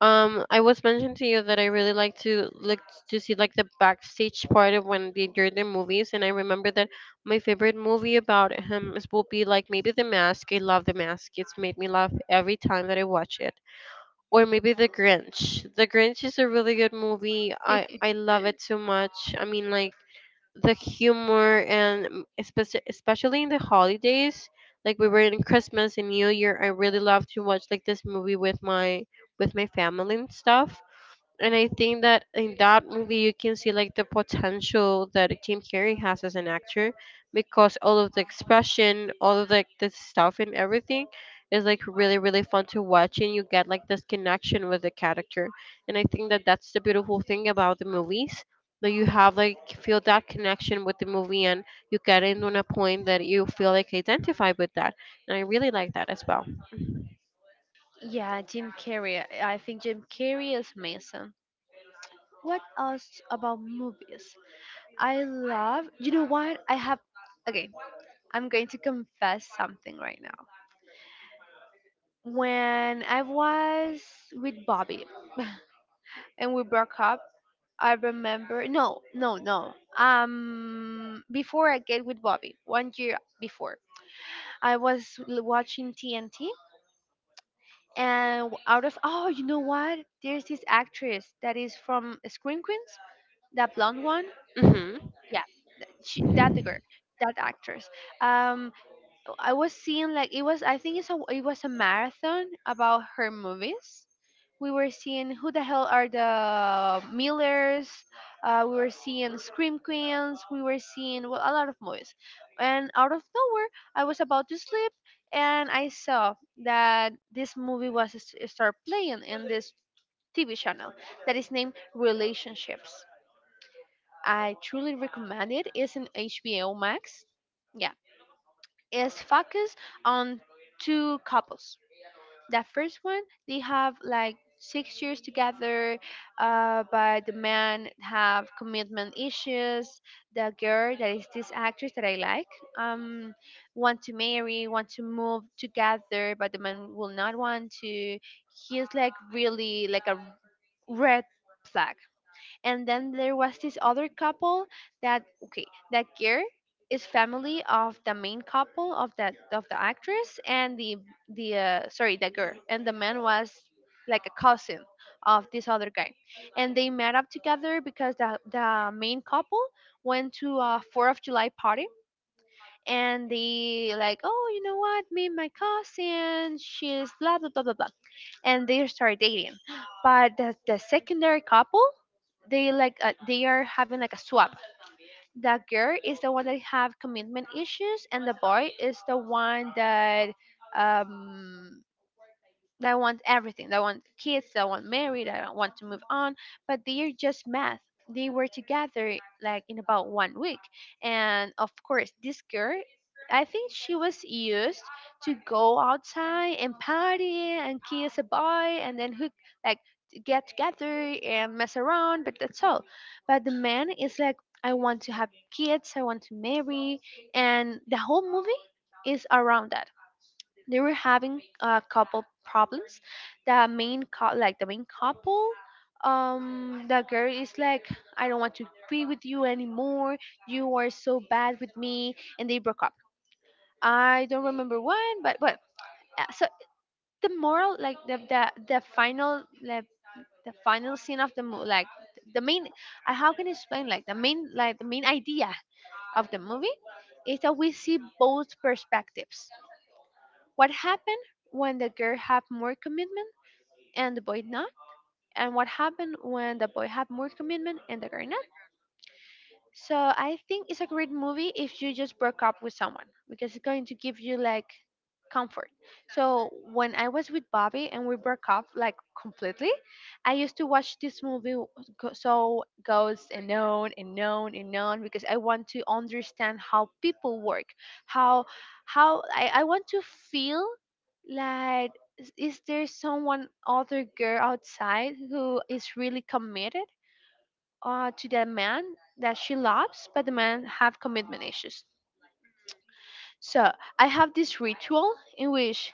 I was mentioned to you that I really like to look to see like the backstage part of when they do the movies, and I remember that my favorite movie about him is, will be like maybe The Mask. I love The Mask. It's made me laugh every time that I watch it. Or maybe The Grinch. The Grinch is a really good movie. I I love it so much. I mean, like the humor, and especially in the holidays, like we were in Christmas and New Year. I really love to watch like this movie with my family and stuff. And I think that in that movie you can see like the potential that Jim Carrey has as an actor, because all of the expression, all of like the stuff and everything is like really fun to watch, and you get like this connection with the character. And I think that that's the beautiful thing about the movies, that you have like feel that connection with the movie, and you get in on a point that you feel like identified with that. And I really like that as well.
Yeah, Jim Carrey. I think Jim Carrey is amazing. What else about movies? I love. You know what? I have. Okay, I'm going to confess something right now. When I was with Bobby and we broke up, I remember, no, no, no. Before I get with Bobby, one year before, I was watching TNT, and out of oh, you know what? There's this actress that is from Scream Queens, that blonde one.
Mhm.
Yeah, she, that the girl, that actress. Um I was seeing, like, it was, I think it was a marathon about her movies. We were seeing who the hell are the Millers. We were seeing Scream Queens. We were seeing, well, a lot of movies, and out of nowhere I was about to sleep, and I saw that this movie was start playing in this TV channel that is named Relationships. I truly recommend it. It's in HBO Max. Yeah, is focused on two couples. The first one, they have like 6 years together, but the man have commitment issues. The girl, that is this actress that I like, um, want to marry, want to move together, but the man will not want to. He's like really like a red flag, and then there was this other couple that, okay, that girl is family of the main couple, of that, of the actress, and the sorry, the girl, and the man was like a cousin of this other guy, and they met up together because the main couple went to a 4th of July party, and they like, oh, you know what, me and my cousin, she's blah blah blah blah blah, and they started dating, but the secondary couple, they like, they are having like a swap. The girl is the one that have commitment issues, and the boy is the one that, um they want everything. They want kids. They want married. They don't want to move on. But they're just math. They were together like in about one week, and of course, this girl, I think she was used to go outside and party and kiss a boy, and then hook, like, to get together and mess around. But that's all. But the man is like, I want to have kids. I want to marry, and the whole movie is around that, they were having a couple problems. The main like the main couple, the girl is like, I don't want to be with you anymore. You are so bad with me, and they broke up. I don't remember when, but uh, so the moral, like the final scene of the movie, like the main, how can you explain like the main idea of the movie is that we see both perspectives. What happened when the girl have more commitment? And the boy not. And what happened when the boy had more commitment and the girl not? So I think it's a great movie if you just broke up with someone because it's going to give you like comfort. So when I was with Bobby and we broke up like completely, I used to watch this movie, goes and on and on and on because I want to understand how people work, how I want to feel like is there someone other girl outside who is really committed to the man that she loves, but the man have commitment issues. So I have this ritual in which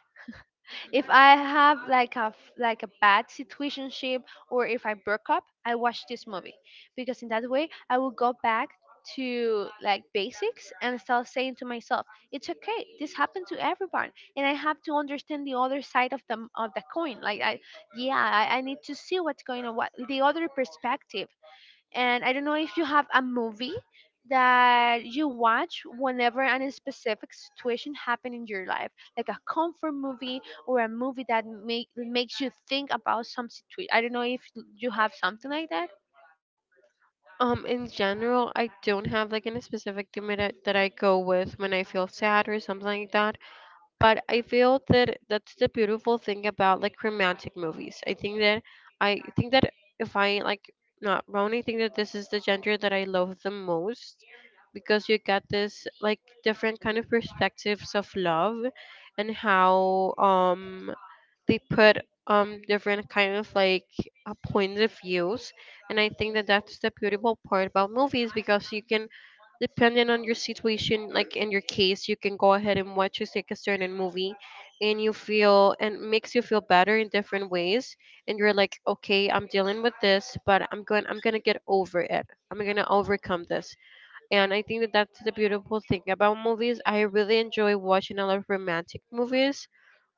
if I have like a bad situationship or if I broke up, I watch this movie because in that way I will go back to like basics and start saying to myself, it's okay. This happened to everyone, and I have to understand the other side of the coin. I need to see what's going on, what the other perspective. And I don't know if you have a movie that you watch whenever a specific situation happened in your life, like a comfort movie or a movie that makes you think about some situation. I don't know if you have something like that.
In general, I don't have like any specific thing that I go with when I feel sad or something like that. But I feel that that's the beautiful thing about like romantic movies. I think that if I like not wrong, I think that this is the genre that I love the most, because you get this like different kind of perspectives of love, and how they put different kind of like points of views. And I think that that's the beautiful part about movies, because you can, depending on your situation, like in your case, you can go ahead and watch a like a certain movie, and you feel and makes you feel better in different ways, and you're like, okay, I'm dealing with this, but I'm gonna get over it, I'm gonna overcome this. And I think that that's the beautiful thing about movies. I really enjoy watching a lot of romantic movies.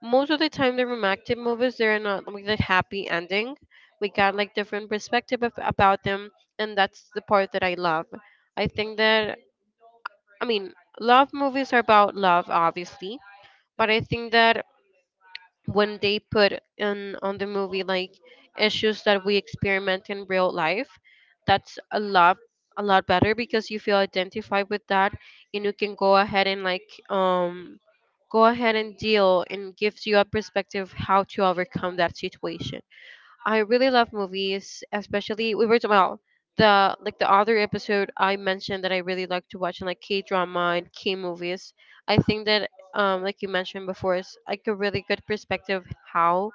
Most of the time the romantic movies they're not like that happy ending, we got like different perspective about them, and that's the part that I love. I think that, I mean, love movies are about love, obviously, but I think that when they put in on the movie like issues that we experiment in real life, that's a lot, a lot better, because you feel identified with that, and you can go ahead and like go ahead and deal and gives you a perspective how to overcome that situation. I really love movies, especially we were well the like the other episode I mentioned that I really like to watch and like K drama and K movies. I think that like you mentioned before, it's like a really good perspective how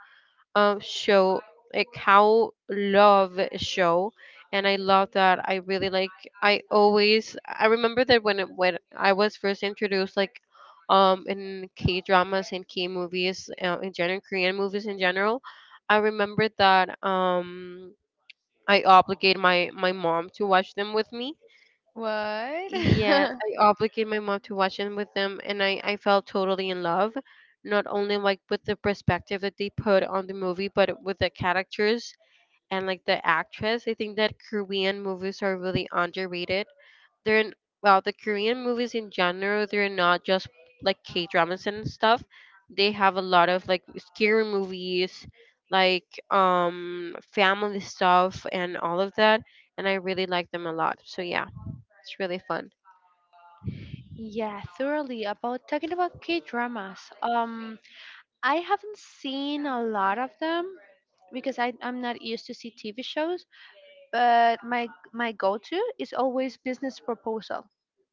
show like how love show. And I love that. I really like, I remember that when I was first introduced like in K dramas and K movies, in general Korean movies in general, I remember that I obligate my mom to watch them with me.
What?
Yes, I obligate my mom to watch them with them, and I felt totally in love, not only like with the perspective that they put on the movie, but with the characters and like the actress. I think that Korean movies are really underrated. They're n- the Korean movies in general, they're not just like K dramas and stuff. They have a lot of like scary movies, like family stuff and all of that, and I really like them a lot. So yeah, it's really fun.
Yeah, thoroughly about talking about K dramas. I haven't seen a lot of them because I'm not used to see TV shows, but my go to is always Business Proposal.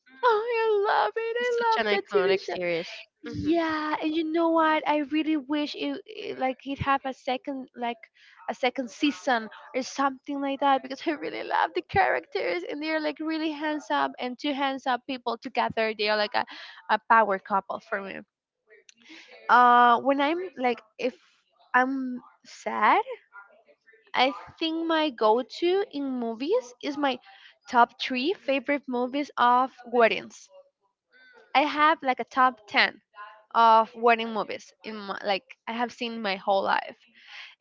Oh, I love it. I
It's
love
such an
that TV
iconic
show.
series. Hmm.
Yeah, and you know what? I really wish it have a second like a second season or something like that because I really love the characters and they're like really handsome and two handsome people together. They are like a power couple for me. When I'm like if I'm sad, I think my go-to in movies is my top 3 favorite movies of weddings. I have like a top 10 of wedding movies in my, like I have seen my whole life.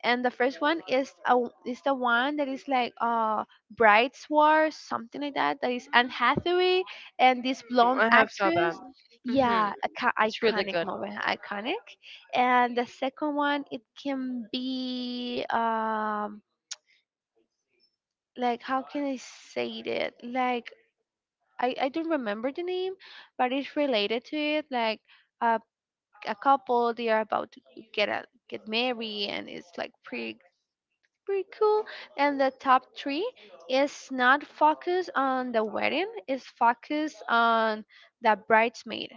And the first one is is the one that is like Bride's War, something like that. That is Anne Hathaway and this blonde
I have saw
actress.
that. Hmm.
Yeah,
It's really
iconic
good.
movie, iconic. And the second one, it can be like how can I say it? Like I don't remember the name, but it's related to it. Like uh, a couple they are about to get married and it's like pretty pretty cool. And the top three is not focused on the wedding, it's focused on the bridesmaid,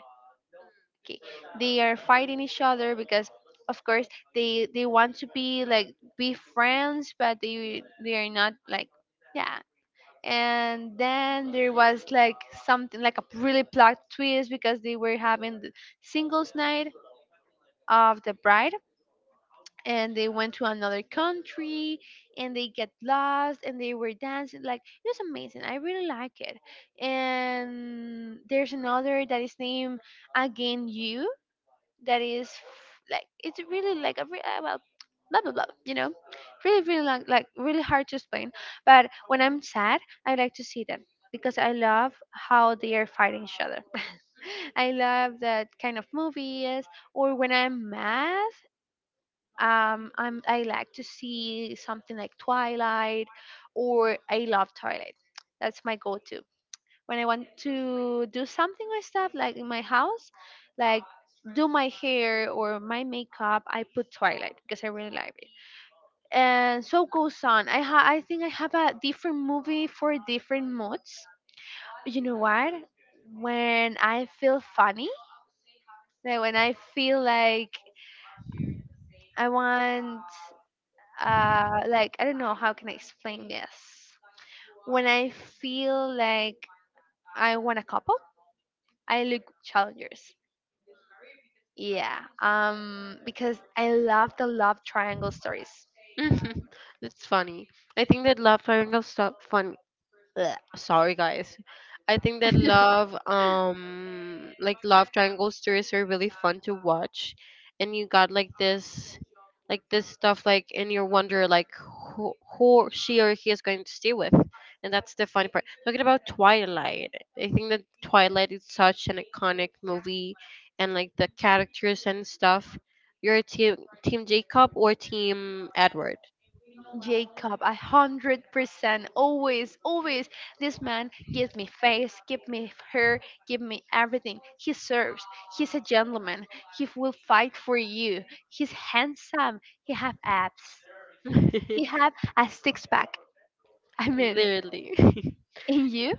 okay, they are fighting each other because of course they want to be like be friends but they are not like yeah. And then there was like something like a really plot twist because they were having the singles night of the bride, and they went to another country and they get lost and they were dancing like it was amazing. I really like it. And there's another that is named again you, that is like it's really like a well blah blah blah you know, really really like really hard to explain. But when I'm sad I like to see them because I love how they are fighting each other I love that kind of movies. Or when I'm mad, I like to see something like Twilight, or I love Twilight. That's my go-to when I want to do something or stuff like in my house, like do my hair or my makeup. I put Twilight because I really like it. And so goes on. I think I have a different movie for different moods. You know what? When I feel funny, like when I feel like I want, like I don't know how can I explain this. When I feel like I want a couple, I look Challengers. Yeah. Um, because I love the love triangle stories.
It's funny. I think that love triangles so funny. Blech. Sorry guys, I think that love like love triangle stories are really fun to watch, and you got like this stuff like, and you wonder like who she or he is going to stay with, and that's the funny part. Talking about Twilight, I think that Twilight is such an iconic movie, and like the characters and stuff. You're a team, Team Jacob or Team Edward?
Jacob, 100%, always, always. This man gives me face, give me hair, give me everything. He serves. He's a gentleman. He will fight for you. He's handsome. He have abs. He have a six pack. I mean,
Literally.
and you?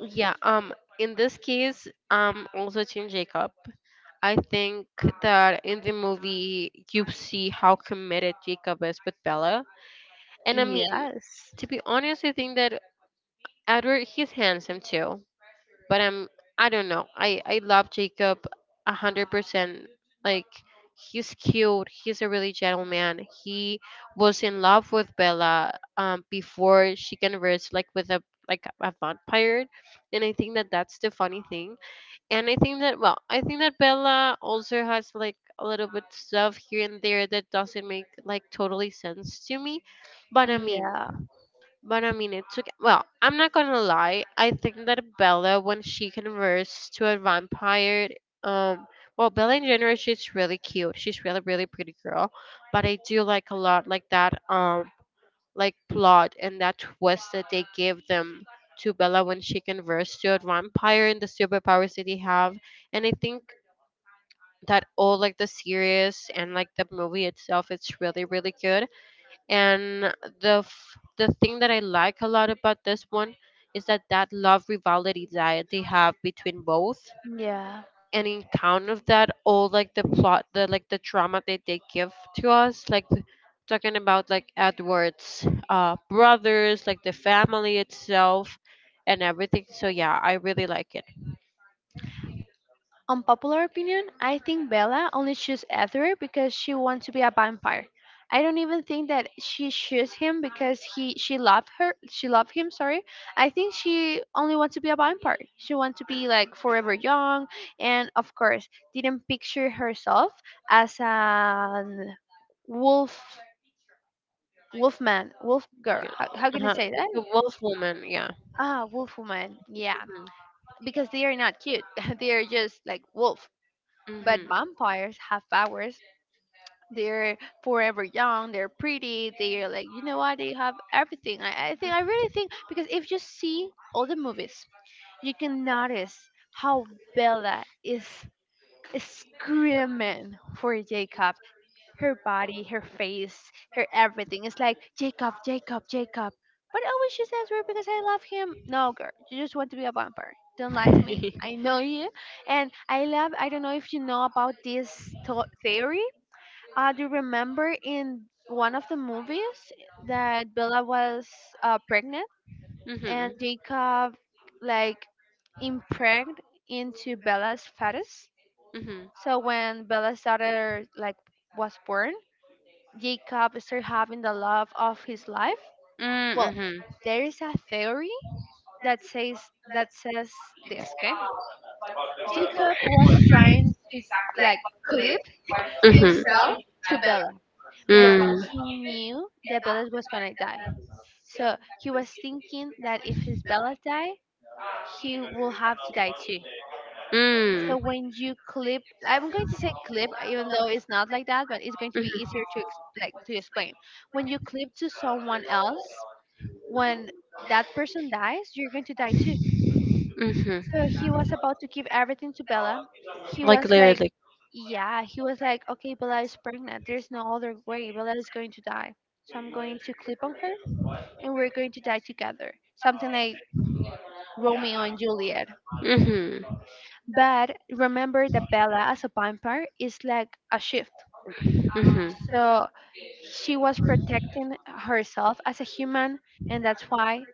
Yeah, in this case, also Team Jacob. I think that in the movie you see how committed Jacob is with Bella. And I mean,
Yes.
to be honest, I think that Edward, he's handsome too, but I'm, I don't know. I love Jacob 100%. Like he's cute. He's a really gentleman. He was in love with Bella before she converts like with a like a vampire, and I think that that's the funny thing. And I think that, well, I think that Bella also has like a little bit stuff here and there that doesn't make like totally sense to me. But I mean,
Yeah.
but I mean, it took. Well, I'm not gonna lie. I think that Bella, when she converts to a vampire, um, well, Bella in general, she's really cute. She's really, really pretty girl. But I do like a lot like that, like plot and that twist that they give them to Bella when she converts to a vampire, and the superpowers that they have. And I think that all like the series and like the movie itself, it's really, really good. And the thing that I like a lot about this one is that that love rivalry that they have between both.
Yeah.
And in count of that, all like the plot, the drama that they give to us, like talking about like Edward's brothers, like the family itself, and everything. So yeah, I really like it.
Unpopular opinion, I think Bella only chose Ether because she wants to be a vampire. I don't even think that she chose him because he she loved her she loved him, sorry. I think she only wants to be a vampire. She wants to be like forever young, and of course didn't picture herself as an wolf, wolf girl. How can I
Uh-huh.
say
It's
that?
a wolf woman, yeah.
Ah, wolf woman. Yeah. Because they are not cute. They are just like wolf.
Hmm
But
hmm.
vampires have powers. They're forever young. They're pretty. They are like, you know what? They have everything. I think I really think because if you see all the movies, you can notice how Bella is screaming for Jacob, her body, her face, her everything. It's like Jacob, Jacob, Jacob. But I was just answering because I love him. No, girl, you just want to be a vampire. Don't lie to me. I know you, and I love. I don't know if you know about this theory. Do you remember in one of the movies that Bella was pregnant and
Mhm.
Jacob like impregnated into Bella's fetus?
Mhm.
So when Bella's daughter like was born, Jacob started having the love of his life?
Mm,
Well,
mhm.
there is a theory that says that says this, okay? Jacob was trying to like clip
Mhm.
himself to Bella because
Mm.
he knew that Bella was gonna die. So he was thinking that if his Bella died, he will have to die too.
Mm.
So when you clip, I'm going to say clip, even though it's not like that, but it's going to be
Mhm.
easier to explain. When you clip to someone else, when that person dies, you're going to die too.
Mhm.
So he was about to give everything to Bella. He
Like
was like,
literally.
yeah, he was like, okay, Bella is pregnant. There's no other way. Bella is going to die. So I'm going to clip on her and we're going to die together. Something like Romeo and Juliet.
Mhm.
But remember that Bella as a vampire is like a shift.
Mhm.
So she was protecting herself as a human, and that's why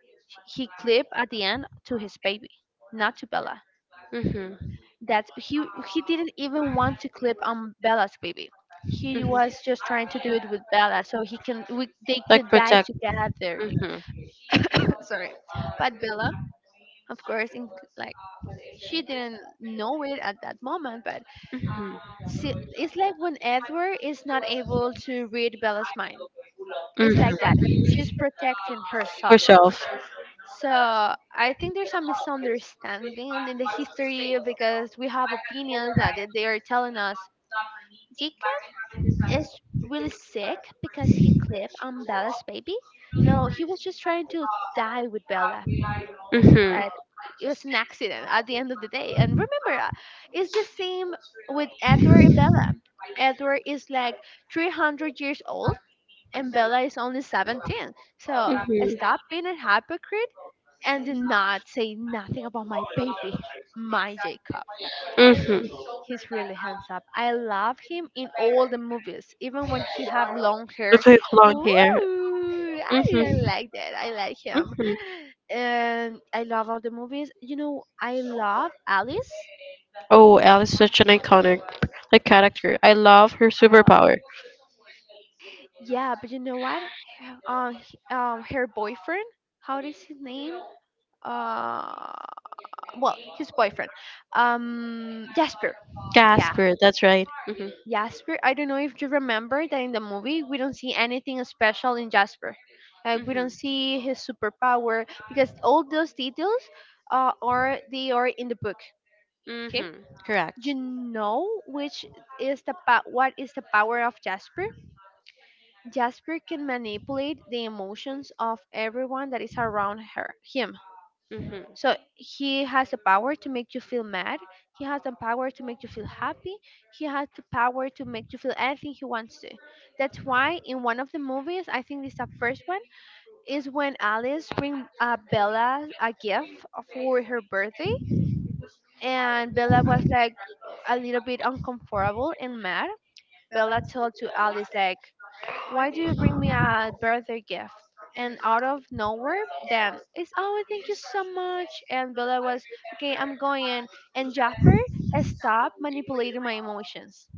he clipped at the end to his baby, not to Bella.
Mhm.
That he didn't even want to clip on Bella's baby. He
Mhm.
was just trying to do it with Bella, so they
Like
could die
protect.
together.
Mhm.
Sorry, but Bella, of course, in, like she didn't know it at that moment, but
Mhm.
see, it's like when Edward is not able to read Bella's mind. It's
Mhm.
like that. She's protecting herself.
Herself.
So I think there's a misunderstanding in the history because we have opinions that they are telling us Jacob is really sick because he clipped on Bella's baby. No, he was just trying to die with Bella.
Mhm.
But it was an accident at the end of the day. And remember, it's the same with Edward and Bella. Edward is like 300 years old and Bella is only 17. So
Mhm.
stop being a hypocrite and do not say nothing about my baby, my Jacob.
Mhm.
He's really handsome. I love him in all the movies, even when he have long
With
hair.
his long
Ooh,
hair.
I
Mhm.
like that. I like him,
Mhm.
and I love all the movies. You know, I love Alice.
Oh, Elle is such an iconic like character. I love her
Yeah.
superpower.
Yeah, but you know what? Her boyfriend. How is his name? Uh, well his boyfriend, um, Jasper. Yeah,
Gasper, that's right. Mhm.
Jasper. I don't know if you remember that in the movie we don't see anything special in Jasper, like we don't
Mhm.
see his superpower because all those details are they are in the book. Okay,
Mhm. Correct.
you know which is what is the power of Jasper. Jasper can manipulate the emotions of everyone that is around her him.
Mhm.
So he has the power to make you feel mad. He has the power to make you feel happy. He has the power to make you feel anything he wants to. That's why in one of the movies, I think it's the first one, is when Alice bring Bella a gift for her birthday, and Bella was like a little bit uncomfortable and mad. Bella told to Alice like, why do you bring me a birthday gift? And out of nowhere, then it's oh thank you so much. And Bella was okay, I'm going. And Jasper, stopped manipulating my emotions.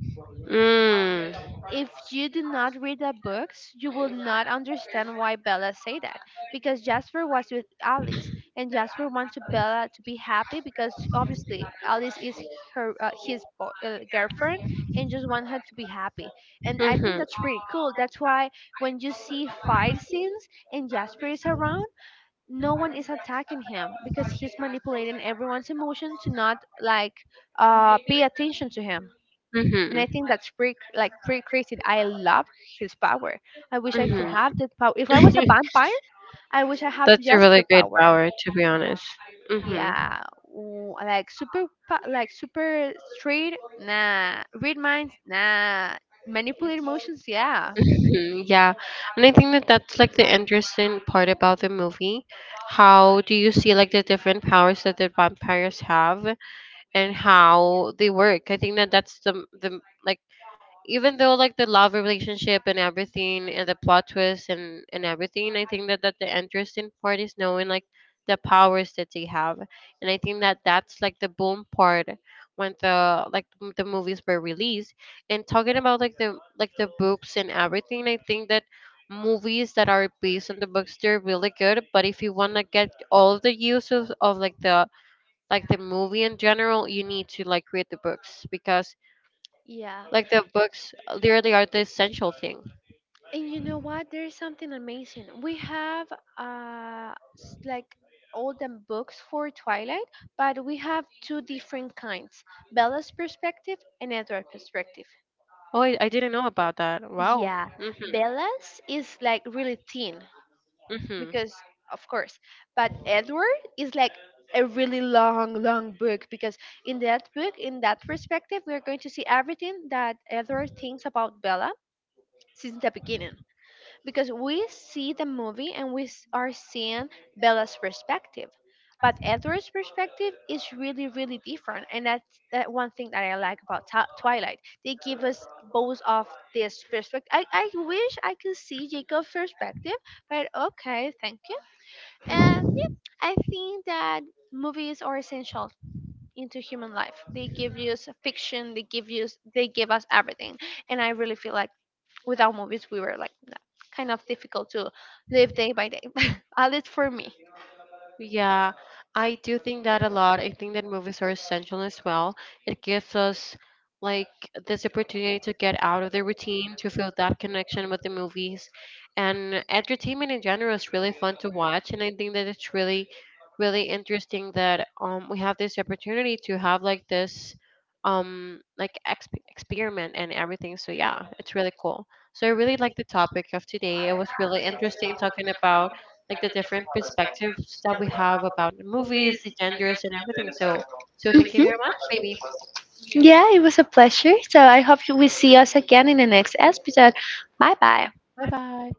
Mm.
If you do not read the books, you will not understand why Bella said that. Because Jasper was with Alice, and Jasper wanted Bella to be happy because obviously Alice is her his bo- girlfriend and just want her to be happy. And I think
Mhm.
that's pretty cool. That's why when you see fight scenes and Jasper is around, no one is attacking him because he's manipulating everyone's emotion to not like pay attention to him. And
Mhm.
I think that's pretty cr- like pretty crazy. I love his power. I wish I could
Mhm.
have that power. If I was a vampire, I wish I have
That's a
Jasper
really great
power.
power, to be honest. Mhm.
Yeah, ooh, like super, super straight. Nah, read minds. Nah, manipulate emotions. Yeah.
Mhm. Yeah. And I think that that's like the interesting part about the movie. How do you see like the different powers that the vampires have and how they work? I think that that's the like even though like the love relationship and everything, and the plot twist and everything, I think that the interesting part is knowing like the powers that they have. And I think that that's like the boom part when the movies were released. And talking about like the books and everything, I think that movies that are based on the books, they're really good, but if you want to get all the use of like the movie in general, you need to like read the books, because
Yeah.
like the books literally are the essential thing.
And you know what? There is something amazing. We have uh s- like all the books for Twilight, but we have two different kinds, Bella's perspective and Edward's perspective.
Oh, I didn't know about that. Wow.
Yeah, Bella's is like really thin
Hmm.
because, of course, but Edward is like a really long, long book because in that book, in that perspective, we are going to see everything that Edward thinks about Bella since the beginning because we see the movie and are seeing Bella's perspective. But Edward's perspective is really, really different, and that's that one thing that I like about Twilight. They give us both of this perspective. I wish I could see Jacob's perspective, but okay, thank you. And
Hmm.
yeah, I think that movies are essential into human life. They give you fiction. They give us everything, and I really feel like without movies we were like nah, kind of difficult to live day by day at least for me.
Yeah, I do think that a lot. I think that movies are essential as well. It gives us like this opportunity to get out of the routine, to feel that connection with the movies. And entertainment in general is really fun to watch. And I think that it's really, really interesting that we have this opportunity to have like this experiment and everything. So yeah, it's really cool. So I really like the topic of today. It was really interesting talking about like the different perspectives that we have about the movies, the genders, and everything. So thank you
Mhm.
very much, baby.
Yeah, it was a pleasure, so I hope we see us again in the next episode. Bye bye.
Bye bye.